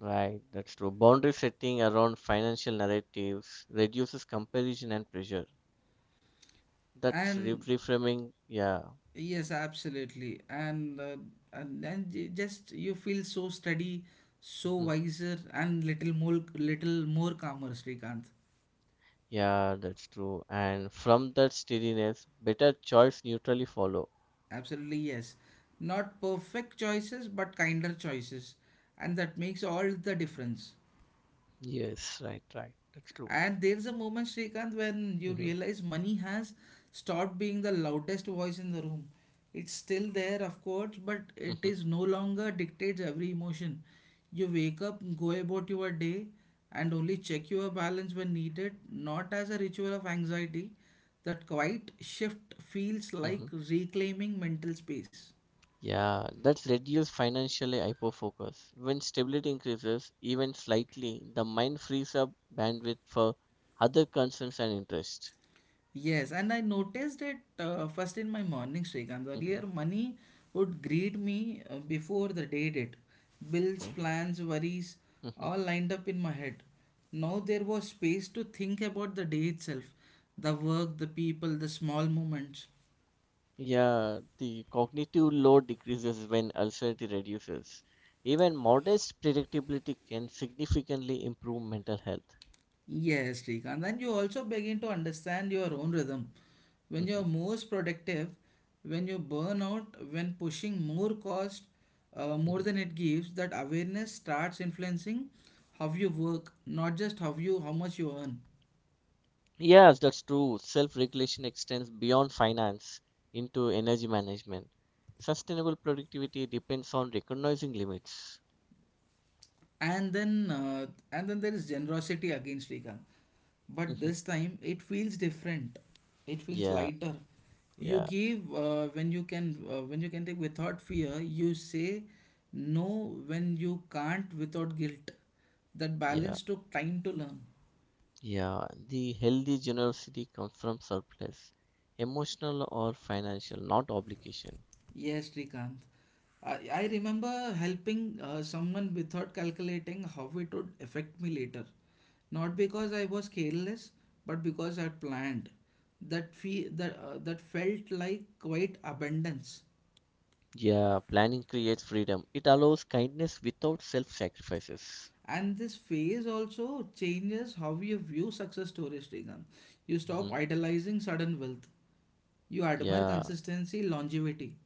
S2: Right, that's true. Boundary setting around financial narratives reduces comparison and pressure. That's
S1: And
S2: reframing, yeah.
S1: yes, absolutely. And then just you feel so steady, so
S2: Mm-hmm.
S1: wiser, and little more calmer, Srikanth.
S2: Yeah, that's true. And from that steadiness, better choice neutrally follow.
S1: Absolutely, yes. Not perfect choices, but kinder choices, and that makes all the difference.
S2: Yes, right, right. That's true.
S1: And there's a moment, Srikanth, when you
S2: Hmm.
S1: realize money has stopped being the loudest voice in the room. It's still there, of course, but it
S2: Mhm,
S1: is no longer dictates every emotion. You wake up, go about your day, and only check your balance when needed, not as a ritual of anxiety. That quiet shift feels
S2: mhm.
S1: like reclaiming mental space.
S2: Yeah, that's reduced financially hyperfocus. When stability increases, even slightly, the mind frees up bandwidth for other concerns and interests.
S1: Yes, and I noticed it first in my morning, Srikanth. Earlier,
S2: Mhm.
S1: money would greet me before the day did. Bills,
S2: Okay.
S1: plans, worries,
S2: Mhm.
S1: all lined up in my head. Now there was space to think about the day itself, the work, the people, the small moments.
S2: Yeah, the cognitive load decreases when uncertainty reduces. Even modest predictability can significantly improve mental health.
S1: Yes, Srikanth. Then you also begin to understand your own rhythm. When you're
S2: Mhm,
S1: most productive, when you burn out, when pushing more cost, more
S2: mhm.
S1: than it gives, that awareness starts influencing how you work, not just how much you earn.
S2: Yes, that's true. Self-regulation extends beyond finance into energy management. Sustainable productivity depends on recognizing limits.
S1: And then there is generosity again, Srikanth,
S2: <laughs>
S1: but
S2: Mhm.
S1: this time it feels different, it feels
S2: Yeah,
S1: lighter. You
S2: yeah,
S1: give when you can, when you can take without fear. You say no when you can't, without guilt. That
S2: yeah,
S1: balance took time to learn.
S2: yeah. The healthy generosity comes from surplus, emotional or financial, not obligation.
S1: Yes, Srikanth. I remember helping someone without calculating how it would affect me later, not because I was careless, but because I planned that fee, that felt like quite abundance.
S2: Yeah, planning creates freedom. It allows kindness without self-sacrifices.
S1: And this phase also changes how you view success stories, Srikanth. You
S2: <laughs>
S1: stop
S2: Mhm.
S1: idolizing sudden wealth. You admire
S2: Yeah,
S1: consistency, longevity.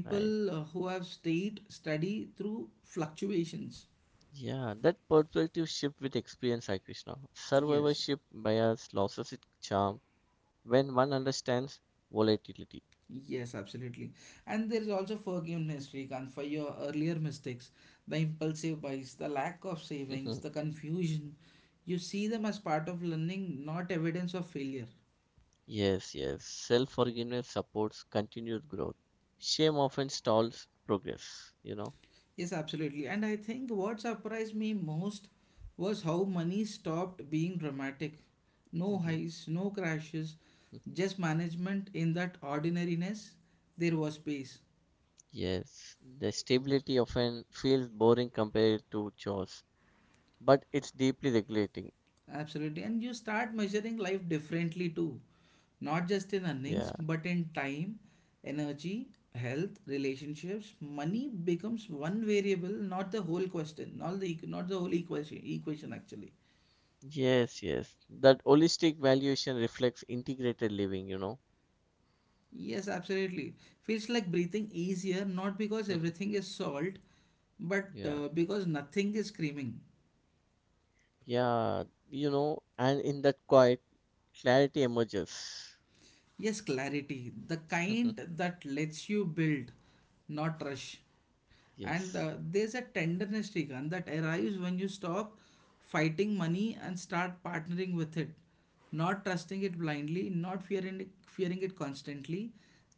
S2: right.
S1: who have stayed steady through fluctuations.
S2: Yeah, that perspective shift with experience, Sai Krishna.
S1: Yes,
S2: Survivorship bias loses its charm when one understands volatility.
S1: yes, absolutely. And there is also forgiveness, Srikanth, for your earlier mistakes, the impulsive buys, the lack of savings,
S2: Mhm.
S1: the confusion. You see them as part of learning, not evidence of failure.
S2: Yes, yes. Self forgiveness supports continued growth. Shame often stalls progress,
S1: Yes, absolutely. And I think what surprised me most was how money stopped being dramatic. No
S2: Mhm.
S1: highs, no crashes,
S2: Mhm.
S1: just management. In that ordinariness, there was peace.
S2: Yes, the stability often feels boring compared to chores, but it's deeply regulating.
S1: Absolutely. And you start measuring life differently too. Not just
S2: Yeah,
S1: in earnings, but in time, energy, health, relationships. Money becomes one variable, not the whole question, not the, not the whole equation actually.
S2: yes. That holistic valuation reflects integrated living.
S1: Yes, absolutely. Feels like breathing easier, not because
S2: <laughs>
S1: everything is solved, but
S2: Yeah.
S1: because nothing is screaming.
S2: Yeah, and in that quiet, clarity emerges.
S1: Yes, clarity, the kind
S2: <laughs>
S1: that lets you build, not rush. And
S2: Yes.
S1: There's a tenderness, Srikanth, that arrives when you stop fighting money and start partnering with it, not trusting it blindly, not fearing it constantly,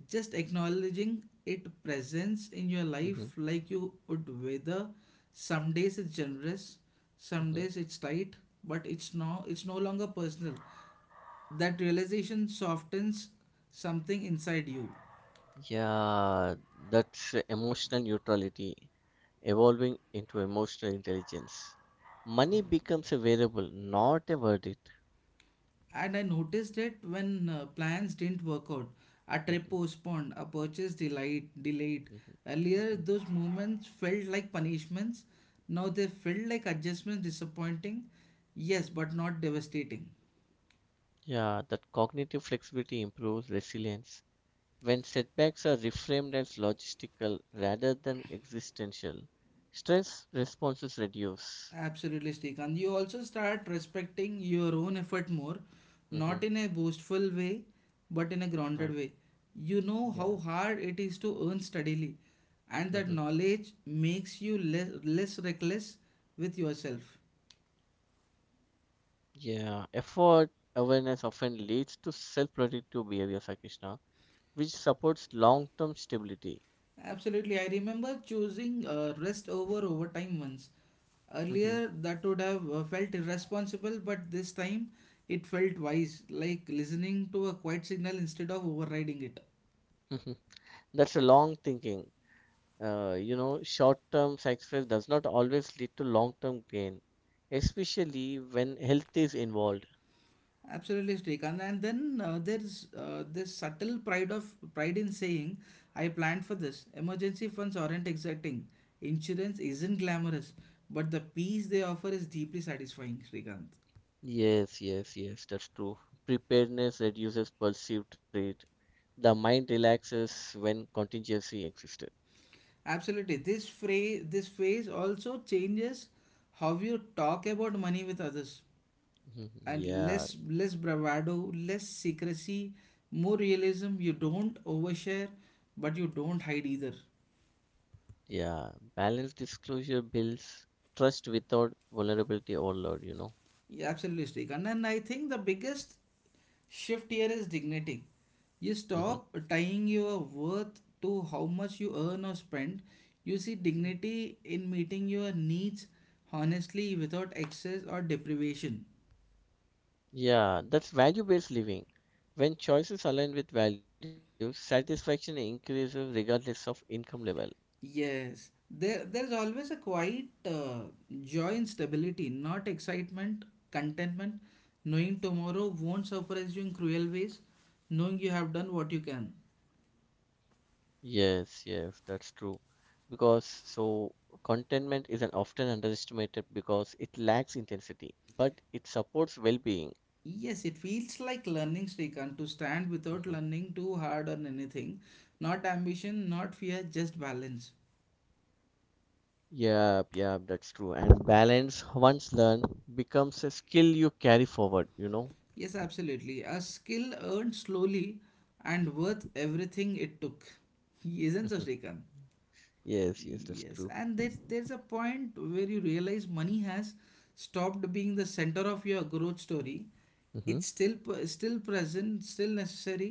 S1: just acknowledging it presence in your
S2: Hmm.
S1: life like you would weather. Some days it's generous, some
S2: Hmm.
S1: days it's tight, but it's no longer personal. That realization softens something inside you.
S2: Yeah, that's emotional neutrality evolving into emotional intelligence. Money becomes a variable, not a verdict.
S1: And I noticed it when plans didn't work out. A trip
S2: Hmm.
S1: postponed, a purchase delayed.
S2: Hmm.
S1: Earlier,
S2: Hmm.
S1: those moments felt like punishments. Now they felt like adjustments. Disappointing, yes, but not devastating.
S2: Yeah, that cognitive flexibility improves resilience. When setbacks are reframed as logistical rather than existential, stress responses reduce.
S1: Absolutely, Srikanth. You also start respecting your own effort more,
S2: Mm-hmm.
S1: not in a boastful way, but in a
S2: Right.
S1: grounded way. You know
S2: Yeah.
S1: how hard it is to earn steadily, and that
S2: Hmm.
S1: knowledge makes you less reckless with yourself.
S2: Yeah, effort awareness often leads to self-protective behavior, Sai Krishna, which supports long-term stability.
S1: Absolutely, I remember choosing rest over overtime once.
S2: Hmm.
S1: Earlier, that would have felt irresponsible, but this time it felt wise, like listening to a quiet signal instead of overriding it.
S2: Hmm. That's a long thinking. Short-term success does not always lead to long-term gain, especially when health is involved.
S1: Absolutely, Srikanth. And then there's This subtle pride in saying, "I planned for this." Emergency funds aren't exciting. Insurance isn't glamorous, but the peace they offer is deeply satisfying, Srikanth.
S2: Yes, that's true. Preparedness reduces perceived threat. The mind relaxes when contingency existed.
S1: Absolutely, this phrase this phase also changes how you talk about money with others,
S2: Mhm.
S1: and
S2: Yeah.
S1: less bravado, less secrecy, more realism. You don't overshare, but you don't hide either.
S2: Yeah, balanced disclosure builds trust without vulnerability overload.
S1: Yeah, absolutely, Srikanth. And I think the biggest shift here is dignity. You
S2: Hmm.
S1: stop tying your worth to how much you earn or spend. You see dignity in meeting your needs honestly, without excess or deprivation.
S2: Yeah, that's value-based living. When choices align with values, satisfaction increases regardless of income level.
S1: Yes, there's always a quiet joy in stability. Not excitement, contentment, knowing tomorrow won't surprise you in cruel ways, knowing you have done what you can.
S2: Yes, that's true. Because so contentment is an often underestimated because it lacks intensity, but it supports well-being.
S1: Yes, it feels like learning, Srikanth, to stand without
S2: Mhm.
S1: learning too hard on anything. Not ambition, not fear, just balance.
S2: Yep, that's true. And balance, once learned, becomes a skill you carry forward.
S1: Yes, absolutely. A skill earned slowly and worth everything it took. <laughs> Isn't so,
S2: Mhm.
S1: Srikanth?
S2: Yes, that's
S1: Yes,
S2: true.
S1: and there's a point where you realize money has stopped being the center of your growth story.
S2: Hmm.
S1: Still present, still necessary,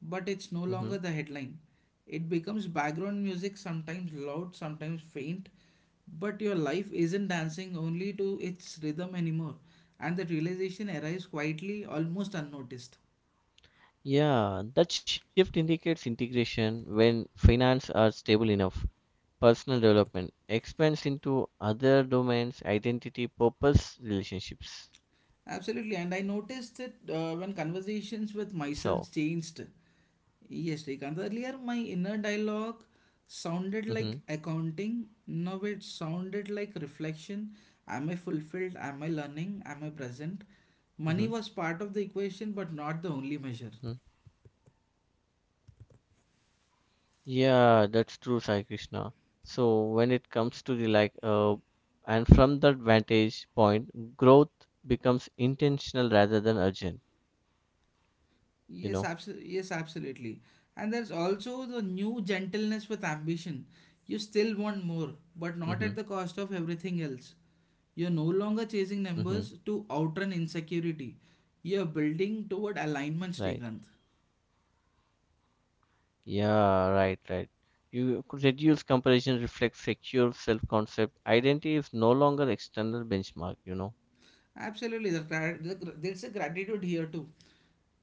S1: but it's no longer the
S2: Hmm.
S1: headline. It becomes background music, sometimes loud, sometimes faint, but your life isn't dancing only to its rhythm anymore. And that realization arrives quietly, almost unnoticed.
S2: Yeah, that shift indicates integration when finance are stable enough. Personal development expands into other domains, identity, purpose, relationships.
S1: Absolutely, and I noticed it
S2: It's
S1: when
S2: all.
S1: conversations with myself changed. Yes, Srikanth. Earlier, my inner dialogue
S2: Hmm.
S1: sounded like accounting. Now it sounded like reflection. Am I fulfilled? Am I learning? Am I present?
S2: Hmm.
S1: Money was part of the equation, but not the only
S2: Hmm.
S1: measure.
S2: Yeah, that's true, Sai Krishna. So when it comes to and from that vantage point, growth becomes intentional rather than urgent. You know.
S1: Yes, absolutely. And there's also the new gentleness with ambition. You still want more, but
S2: Hmm.
S1: not at the cost of everything else. You're no longer chasing
S2: Hmm.
S1: numbers to outrun insecurity. You're building toward alignment,
S2: Right.
S1: Srikanth.
S2: Yeah, right. You could reduce comparison reflects secure self-concept. Identity is no longer external benchmark.
S1: Absolutely, there's a gratitude here too,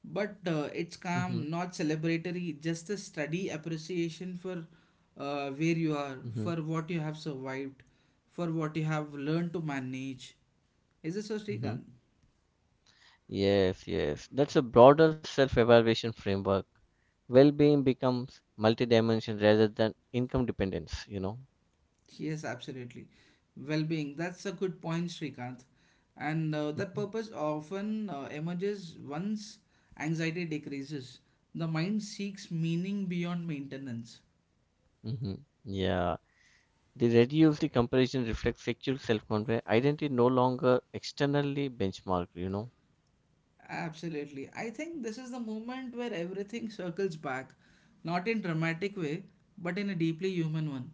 S1: but it's
S2: Mm-hmm,
S1: calm, not celebratory, just a steady appreciation for where you are,
S2: mm-hmm,
S1: for what you have survived, for what you have learned to manage. Is it so,
S2: mm-hmm.
S1: Srikanth?
S2: Yes. That's a broader self-evaluation framework. Well-being becomes multidimensional rather than income dependence.
S1: Yes, absolutely. Well being, that's a good point, Srikanth. And That
S2: Mm-hmm,
S1: purpose often emerges once anxiety decreases. The mind seeks meaning beyond maintenance.
S2: mm-hmm. Yeah. The comparison reflects secure self-confidence. Identity no longer externally benchmarked.
S1: Absolutely. I think this is the moment where everything <laughs> circles back, not in dramatic way, but in a deeply human one.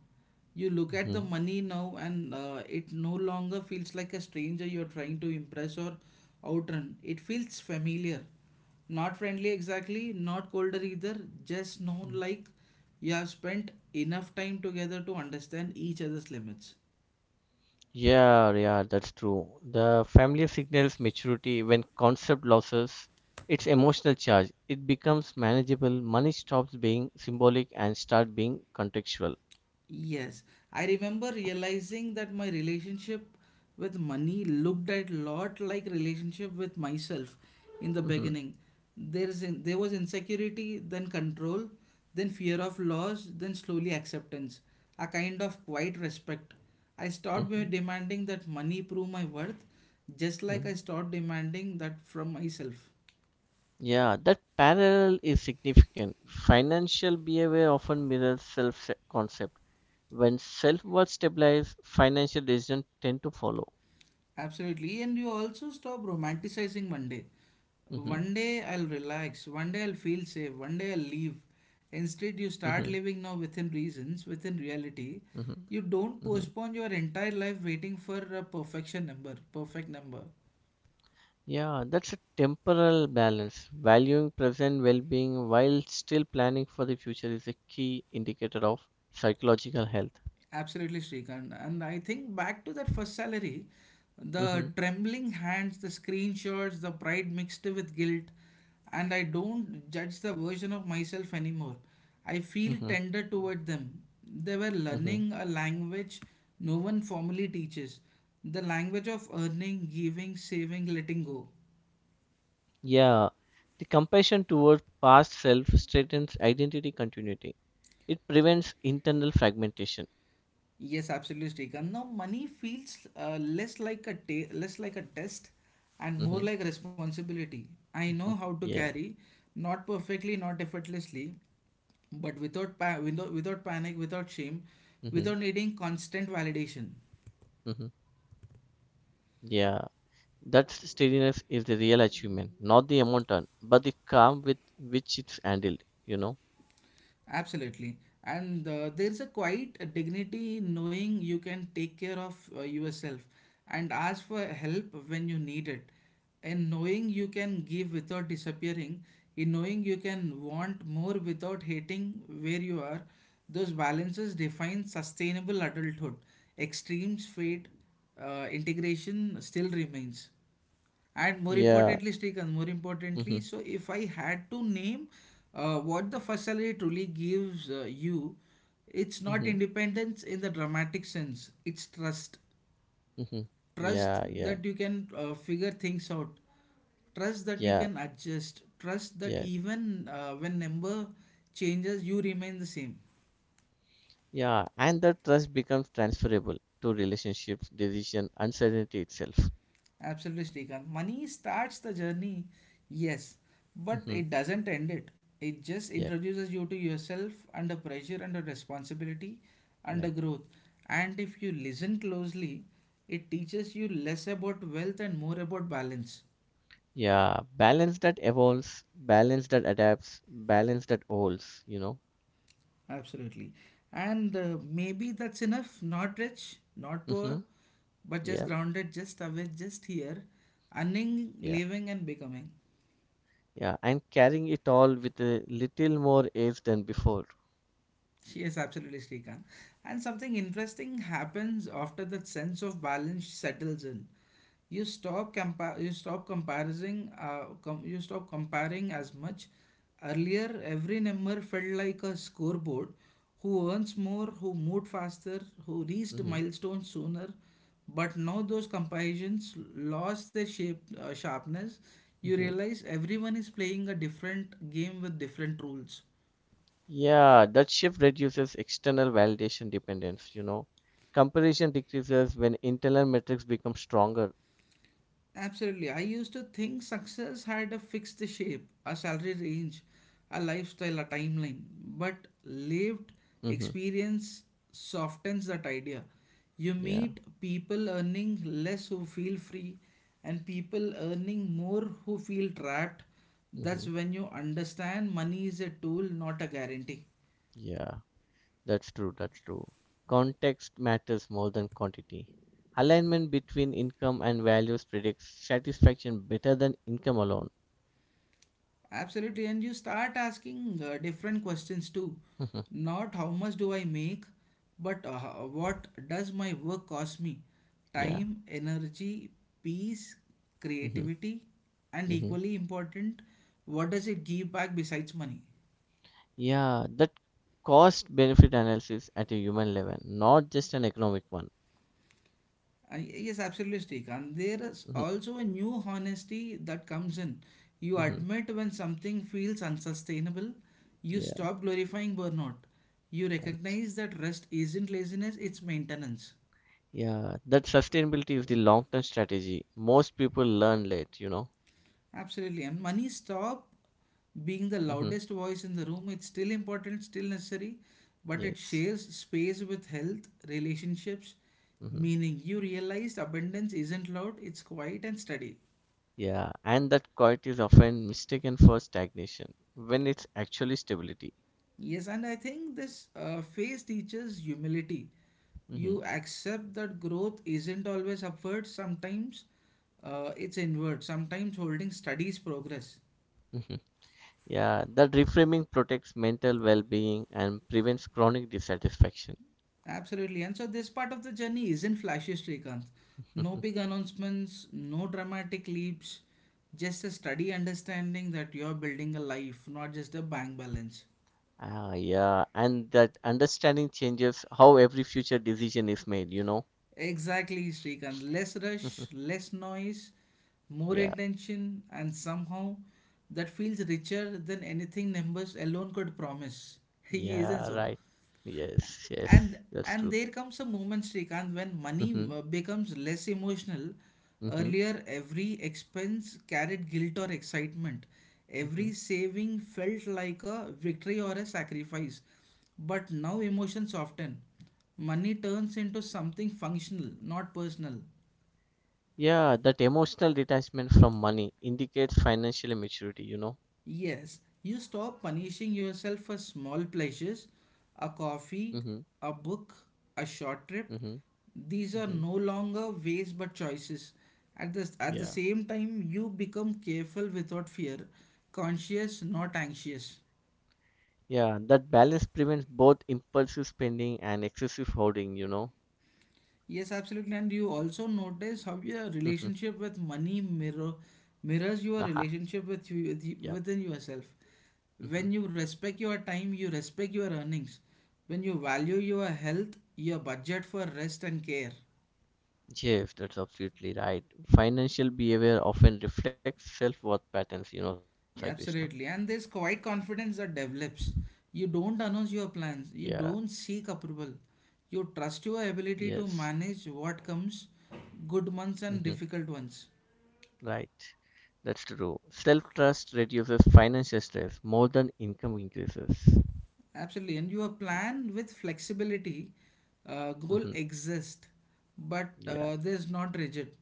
S1: You look at the
S2: Mm-hmm.
S1: money now and it no longer feels like a stranger you're trying to impress or outrun. It feels familiar. Not friendly exactly, not colder either, just known, like you have spent enough time together to understand each other's limits.
S2: Yeah, that's true. The family signals maturity when concept losses its emotional charge. It becomes manageable. Money stops being symbolic and start being contextual.
S1: Yes, I remember realizing that my relationship with money looked at lot like relationship with myself in the
S2: Hmm.
S1: beginning. There was insecurity, then control, then fear of loss, then slowly acceptance, a kind of quiet respect.
S2: Hmm.
S1: Demanding that money prove my worth, just like I
S2: Hmm.
S1: stopped demanding that from myself.
S2: Yeah, that parallel is significant. Financial behavior often mirrors self-concept. When self-worth stabilizes, financial decisions tend to follow.
S1: Absolutely, and you also stop romanticizing one day.
S2: Hmm.
S1: One day I'll relax, one day I'll feel safe, one day I'll leave. Instead, you
S2: Hmm.
S1: start living now within reasons, within reality.
S2: Hmm.
S1: You don't
S2: Hmm.
S1: postpone your entire life waiting for a perfect number.
S2: Yeah, that's a temporal balance. Valuing present well being while still planning for the future is a key indicator of psychological health.
S1: Absolutely, Srikant. And I think back to that first salary, the
S2: Hmm.
S1: trembling hands, the screenshots, the pride mixed with guilt, and I don't judge the version of myself anymore. I feel
S2: Hmm.
S1: tender toward them. They were
S2: Hmm.
S1: learning a language no one formally teaches, the language of earning, giving, saving, letting go.
S2: Yeah, the compassion toward past self strengthens identity continuity, it prevents internal fragmentation.
S1: Yes, absolutely, Srikanth. Now, money feels less like a test and more
S2: Hmm.
S1: like responsibility. I know
S2: Hmm.
S1: how to
S2: Yeah.
S1: carry, not perfectly, not effortlessly, but without panic,
S2: Hmm.
S1: without shame, without needing constant validation.
S2: Hmm. Yeah. That steadiness is the real achievement, not the amount earned, but the calm with which it's handled, you know?
S1: Absolutely. And There's a quite a dignity in knowing you can take care of yourself and ask for help when you need it. In knowing you can give without disappearing, in knowing you can want more without hating where you are, those balances define sustainable adulthood. Extremes fade, integration still remains. And more
S2: Yeah.
S1: importantly, Srikanth, more importantly, so
S2: <laughs>
S1: if I had to name what the first salary truly gives you, it's not
S2: Mm-hmm.
S1: independence in the dramatic sense, it's trust.
S2: Mm-hmm.
S1: Trust
S2: Yeah, yeah,
S1: that you can figure things out, trust that you
S2: yeah,
S1: can adjust, trust that
S2: yeah,
S1: even when number changes, you remain the same.
S2: yeah. And that trust becomes transferable to relationships, decision, uncertainty itself.
S1: Absolutely, Srikanth. Money starts the journey, yes, but
S2: Mm-hmm.
S1: it doesn't end it. It just
S2: Yep,
S1: introduces you to yourself under pressure, under responsibility, under
S2: right.
S1: growth. And if you listen closely, it teaches you less about wealth and more about balance.
S2: Yeah, balance that evolves, balance that adapts, balance that holds.
S1: Absolutely. And maybe that's enough. Not rich, not poor,
S2: Mm-hmm. Yeah,
S1: but just grounded, just aware, just here, earning,
S2: yeah,
S1: living, and becoming.
S2: yeah. And carrying it all with a little more edge than before.
S1: Yes, absolutely, Srikant. And something interesting happens after that sense of balance settles in. You stop compa- you stop comparing com- You stop comparing as much. Earlier, every number felt like a scoreboard. Who earns more, who moved faster, who reached
S2: Mm-hmm.
S1: milestones sooner. But now those comparisons lost their shape sharpness. You
S2: Mm-hmm.
S1: realize everyone is playing a different game with different rules.
S2: Yeah, that shift reduces external validation dependence. Comparison decreases when internal metrics become stronger.
S1: Absolutely. I used to think success had a fixed shape, a salary range, a lifestyle, a timeline. But lived
S2: Mm-hmm.
S1: experience softens that idea. You
S2: Yeah.
S1: meet people earning less who feel free, and people earning more who feel trapped.
S2: Mm-hmm.
S1: That's when you understand money is a tool, not a guarantee.
S2: Yeah. That's true. Context matters more than quantity. Alignment between income and values predicts satisfaction better than income alone.
S1: Absolutely, and you start asking different questions too.
S2: Mm-hmm.
S1: Not how much do I make, but what does my work cost me?
S2: Yeah.
S1: Time, energy, peace,
S2: Mm-hmm.
S1: creativity, and
S2: Mm-hmm.
S1: equally important, what does it give back besides money?
S2: Yeah. That cost benefit analysis at a human level, not just an economic one.
S1: Yes, absolutely, Srikanth. There is
S2: Mm-hmm.
S1: also a new honesty that comes in. You
S2: Mm-hmm.
S1: admit when something feels unsustainable. You
S2: Yeah.
S1: stop glorifying burnout. You
S2: Right.
S1: recognize that rest isn't laziness, it's maintenance.
S2: Yeah, that sustainability is the long-term strategy. Most people learn late.
S1: Absolutely. And money stop being the
S2: Hmm.
S1: loudest voice in the room. It's still important, still necessary, but it
S2: Yes.
S1: shares space with health, relationships,
S2: Hmm.
S1: meaning. You realized abundance isn't loud, it's quiet and steady.
S2: Yeah, and that quiet is often mistaken for stagnation when it's actually stability.
S1: Yes, and I think this phase teaches humility.
S2: Hmm.
S1: You accept that growth isn't always upward, sometimes it's inward, sometimes holding studies progress.
S2: Hmm. Yeah, that reframing protects mental well-being and prevents chronic dissatisfaction.
S1: Absolutely. And so, this part of the journey isn't flashy, Srikanth. No big
S2: <laughs>
S1: announcements, no dramatic leaps, just a steady understanding that you're building a life, not just a bank balance.
S2: Ah, yeah, and that understanding changes how every future decision is made.
S1: Exactly, Srikanth. Less rush,
S2: <laughs>
S1: less noise, more
S2: Yeah,
S1: intention, and somehow that feels richer than anything numbers alone could promise. <laughs> He isn't
S2: yeah,
S1: so
S2: right. Yes,
S1: and
S2: that's
S1: and
S2: true.
S1: there comes a moment, Srikanth, when money
S2: Hmm.
S1: becomes less emotional.
S2: Hmm.
S1: Earlier, every expense carried guilt or excitement, every
S2: Mhm.
S1: saving felt like a victory or a sacrifice, but now emotions soften. Money turns into something functional, not personal.
S2: Yeah, that emotional detachment from money indicates financial maturity.
S1: Yes, you stop punishing yourself for small pleasures, a
S2: Mm-hmm.
S1: coffee, a book, a short trip.
S2: Mm-hmm.
S1: These
S2: Mm-hmm.
S1: are no longer ways but choices. At the
S2: Yeah.
S1: same time, you become careful without fear, conscious, not anxious.
S2: Yeah, that balance prevents both impulsive spending and excessive hoarding.
S1: Yes, absolutely. And you also notice how your
S2: Mm-hmm.
S1: relationship with money mirrors your
S2: Aha.
S1: relationship with
S2: Yeah.
S1: within yourself.
S2: Mm-hmm.
S1: When you respect your time, you respect your earnings. When you value your health, your budget for rest and care.
S2: Yes, that's absolutely right. Financial behavior often reflects self-worth patterns, Sai Krishna.
S1: Yeah, absolutely. And there's quite confidence that develops. You don't announce your plans.
S2: Yeah,
S1: You don't seek approval. You trust your ability to
S2: yes.
S1: manage what comes, good months and
S2: Hmm.
S1: difficult ones.
S2: Right. That's true. Self-trust reduces financial stress more than income increases.
S1: Absolutely, and your plan with flexibility, goal
S2: Hmm.
S1: exist, but
S2: Yeah.
S1: there's not rigid.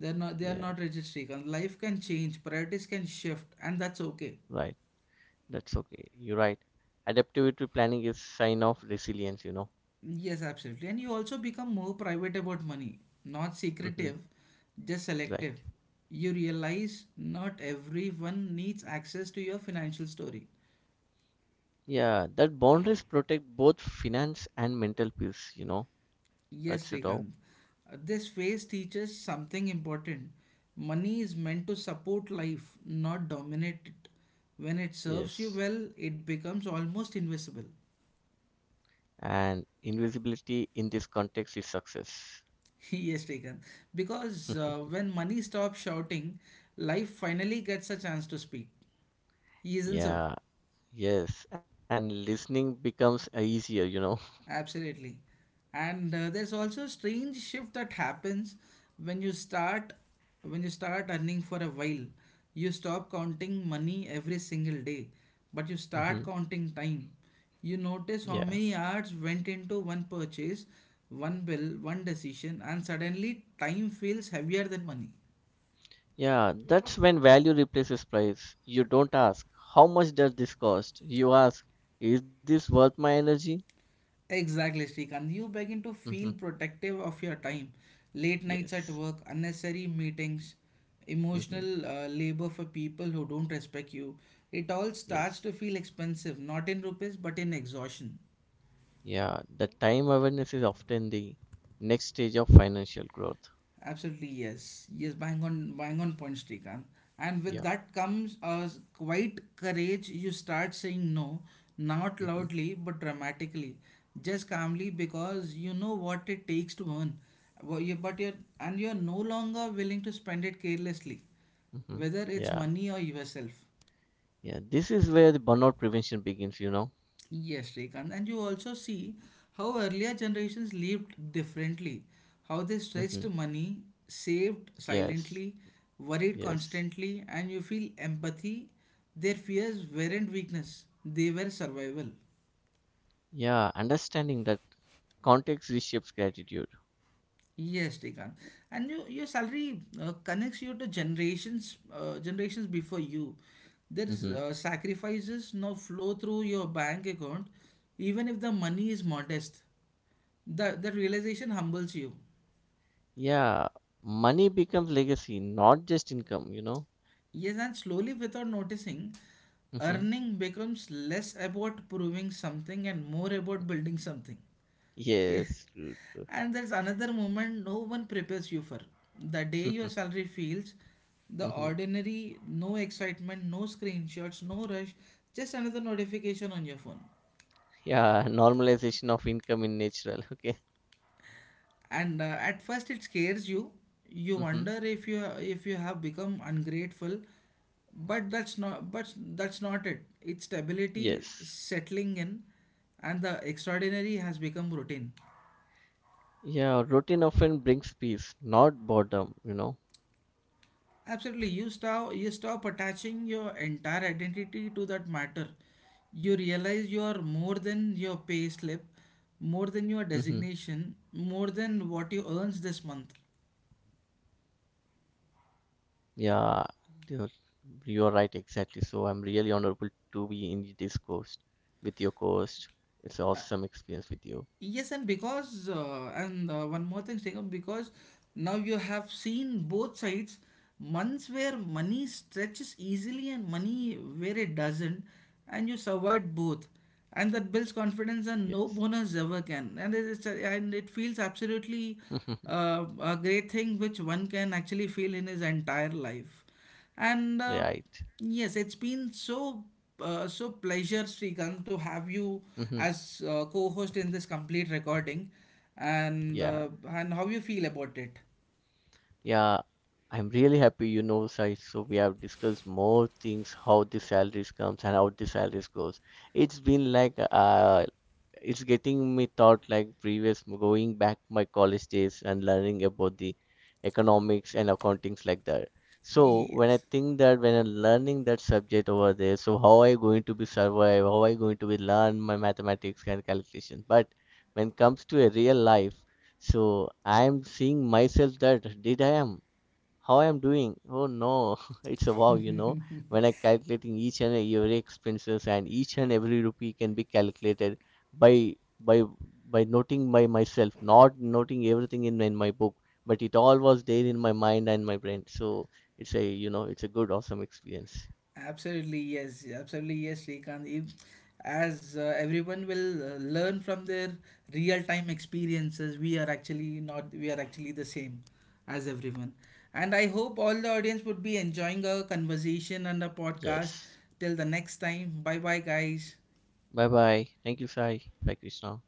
S1: They are
S2: Yeah,
S1: not rigid, Srikant. Life can change, priorities can shift, and that's okay.
S2: right. That's okay. You're right. Adaptivity planning is sign of resilience.
S1: Yes, absolutely. And you also become more private about money, not secretive,
S2: Hmm.
S1: just selective.
S2: Right.
S1: You realize not everyone needs access to your financial story.
S2: Yeah, that boundaries protect both finance and mental peace.
S1: Yes,
S2: That's it
S1: Srikanth.
S2: all.
S1: This phase teaches something important. Money is meant to support life, not dominate it. When it serves you well,
S2: Yes.
S1: it becomes almost invisible.
S2: And invisibility in this context is success.
S1: <laughs> Yes, Srikanth. Because
S2: <laughs>
S1: when money stops shouting, life finally gets a chance to speak. Isn't so?
S2: Yeah, yes. And listening becomes easier,
S1: Absolutely. And there's also a strange shift that happens when you start when you start earning for a while. You stop counting money every single day, but you
S2: <laughs>
S1: start
S2: Hmm.
S1: counting time. You notice how
S2: Yeah.
S1: many hours went into one purchase, one bill, one decision, and suddenly time feels heavier than money.
S2: Yeah, that's when value replaces price. You don't ask, how much does this cost? You ask, is this worth my energy?
S1: Exactly, Srikanth. You begin to
S2: Mm-hmm.
S1: feel protective of your time. Late nights at
S2: Yes.
S1: work, unnecessary meetings,
S2: Mm-hmm.
S1: emotional labor for people who don't respect you. It all starts
S2: Yes.
S1: to feel expensive, not in rupees, but in exhaustion.
S2: Yeah. The time awareness is often the next stage of financial growth.
S1: Absolutely, yes. Yes, bang on, bang on point, Srikanth. And with
S2: Yeah.
S1: that comes a quite courage. You start saying no, not
S2: Mm-hmm.
S1: loudly, but dramatically, just calmly, because you know what it takes to earn. And you're no longer willing to spend it carelessly,
S2: Mm-hmm.
S1: whether it's
S2: Yeah.
S1: money or yourself.
S2: Yeah. This is where the burnout prevention begins.
S1: Yes, Srikanth. And you also see how earlier generations lived differently, how they
S2: Mm-hmm.
S1: stretched money, saved
S2: Yes.
S1: silently, worried
S2: Yes.
S1: constantly, and you feel empathy. Their fears weren't weakness, they were survival.
S2: Yeah. Understanding that context reshapes gratitude.
S1: Yes, Srikanth. And you, your salary connects you to generations, generations before you. There's
S2: Mm-hmm.
S1: sacrifices now flow through your bank account, even if the money is modest. That realization humbles you.
S2: Yeah. Money becomes legacy, not just income.
S1: Yes, and slowly, without noticing,
S2: Mm-hmm.
S1: earning becomes less about proving something and more about building something. Yes.
S2: Yes. True.
S1: And there's another moment no one prepares you for. The day your
S2: <laughs>
S1: salary feels the
S2: Mm-hmm.
S1: ordinary, no excitement, no screenshots, no rush, just another notification on your phone.
S2: Yeah. Normalization of income in natural. <laughs> Okay.
S1: And at first it scares you. You
S2: Mm-hmm.
S1: wonder if you have become ungrateful, but that's not it. It's stability
S2: Yes.
S1: settling in, and the extraordinary has become routine.
S2: Yeah, routine often brings peace, not boredom.
S1: Absolutely. You stop attaching your entire identity to that matter. You realize you are more than your pay slip, more than your
S2: Hmm.
S1: designation, more than what you earns this month.
S2: Yeah, you're, you're right, exactly. So I'm really honorable to be in this course with your course. It's awesome experience with you.
S1: Yes, and because and one more thing, Sriram, because now you have seen both sides, months where money stretches easily and money where it doesn't, and you survived both, and that builds confidence and no
S2: Yes.
S1: bonus ever can, and it feels absolutely
S2: <laughs>
S1: a great thing which one can actually feel in his entire life. And
S2: Right.
S1: yes, it's been so so pleasure, Srikanth, to have you
S2: Hmm.
S1: as co-host in this complete recording.
S2: Yeah.
S1: And how you feel about it?
S2: Yeah, I'm really happy, Sai. So we have discussed more things, how the salaries comes and how the salaries goes. It's been like it's getting me thought like previous going back my college days and learning about the economics and accountings like that.
S1: <laughs>
S2: So when I
S1: Yes.
S2: think that when I'm learning that subject over there, so how I going to be survive, how I going to be learn my mathematics and calculation. But when comes to a real life. So I am seeing myself that did I am how I am doing. Oh no, <laughs> it's a wow, When I calculating each and every expenses and each and every rupee can be calculated by by by noting by myself, not noting everything in my book, but it all was there in my mind and my brain. So it's a it's a good awesome experience.
S1: Absolutely, yes. Absolutely, yes, Srikanth. If, as everyone will learn from their real-time experiences, we are actually not, we are actually the same as everyone. And I hope all the audience would be enjoying our conversation and the podcast.
S2: Yes.
S1: Till the next time, bye bye, guys.
S2: Bye bye. Thank you, Sai. Bye, Krishna.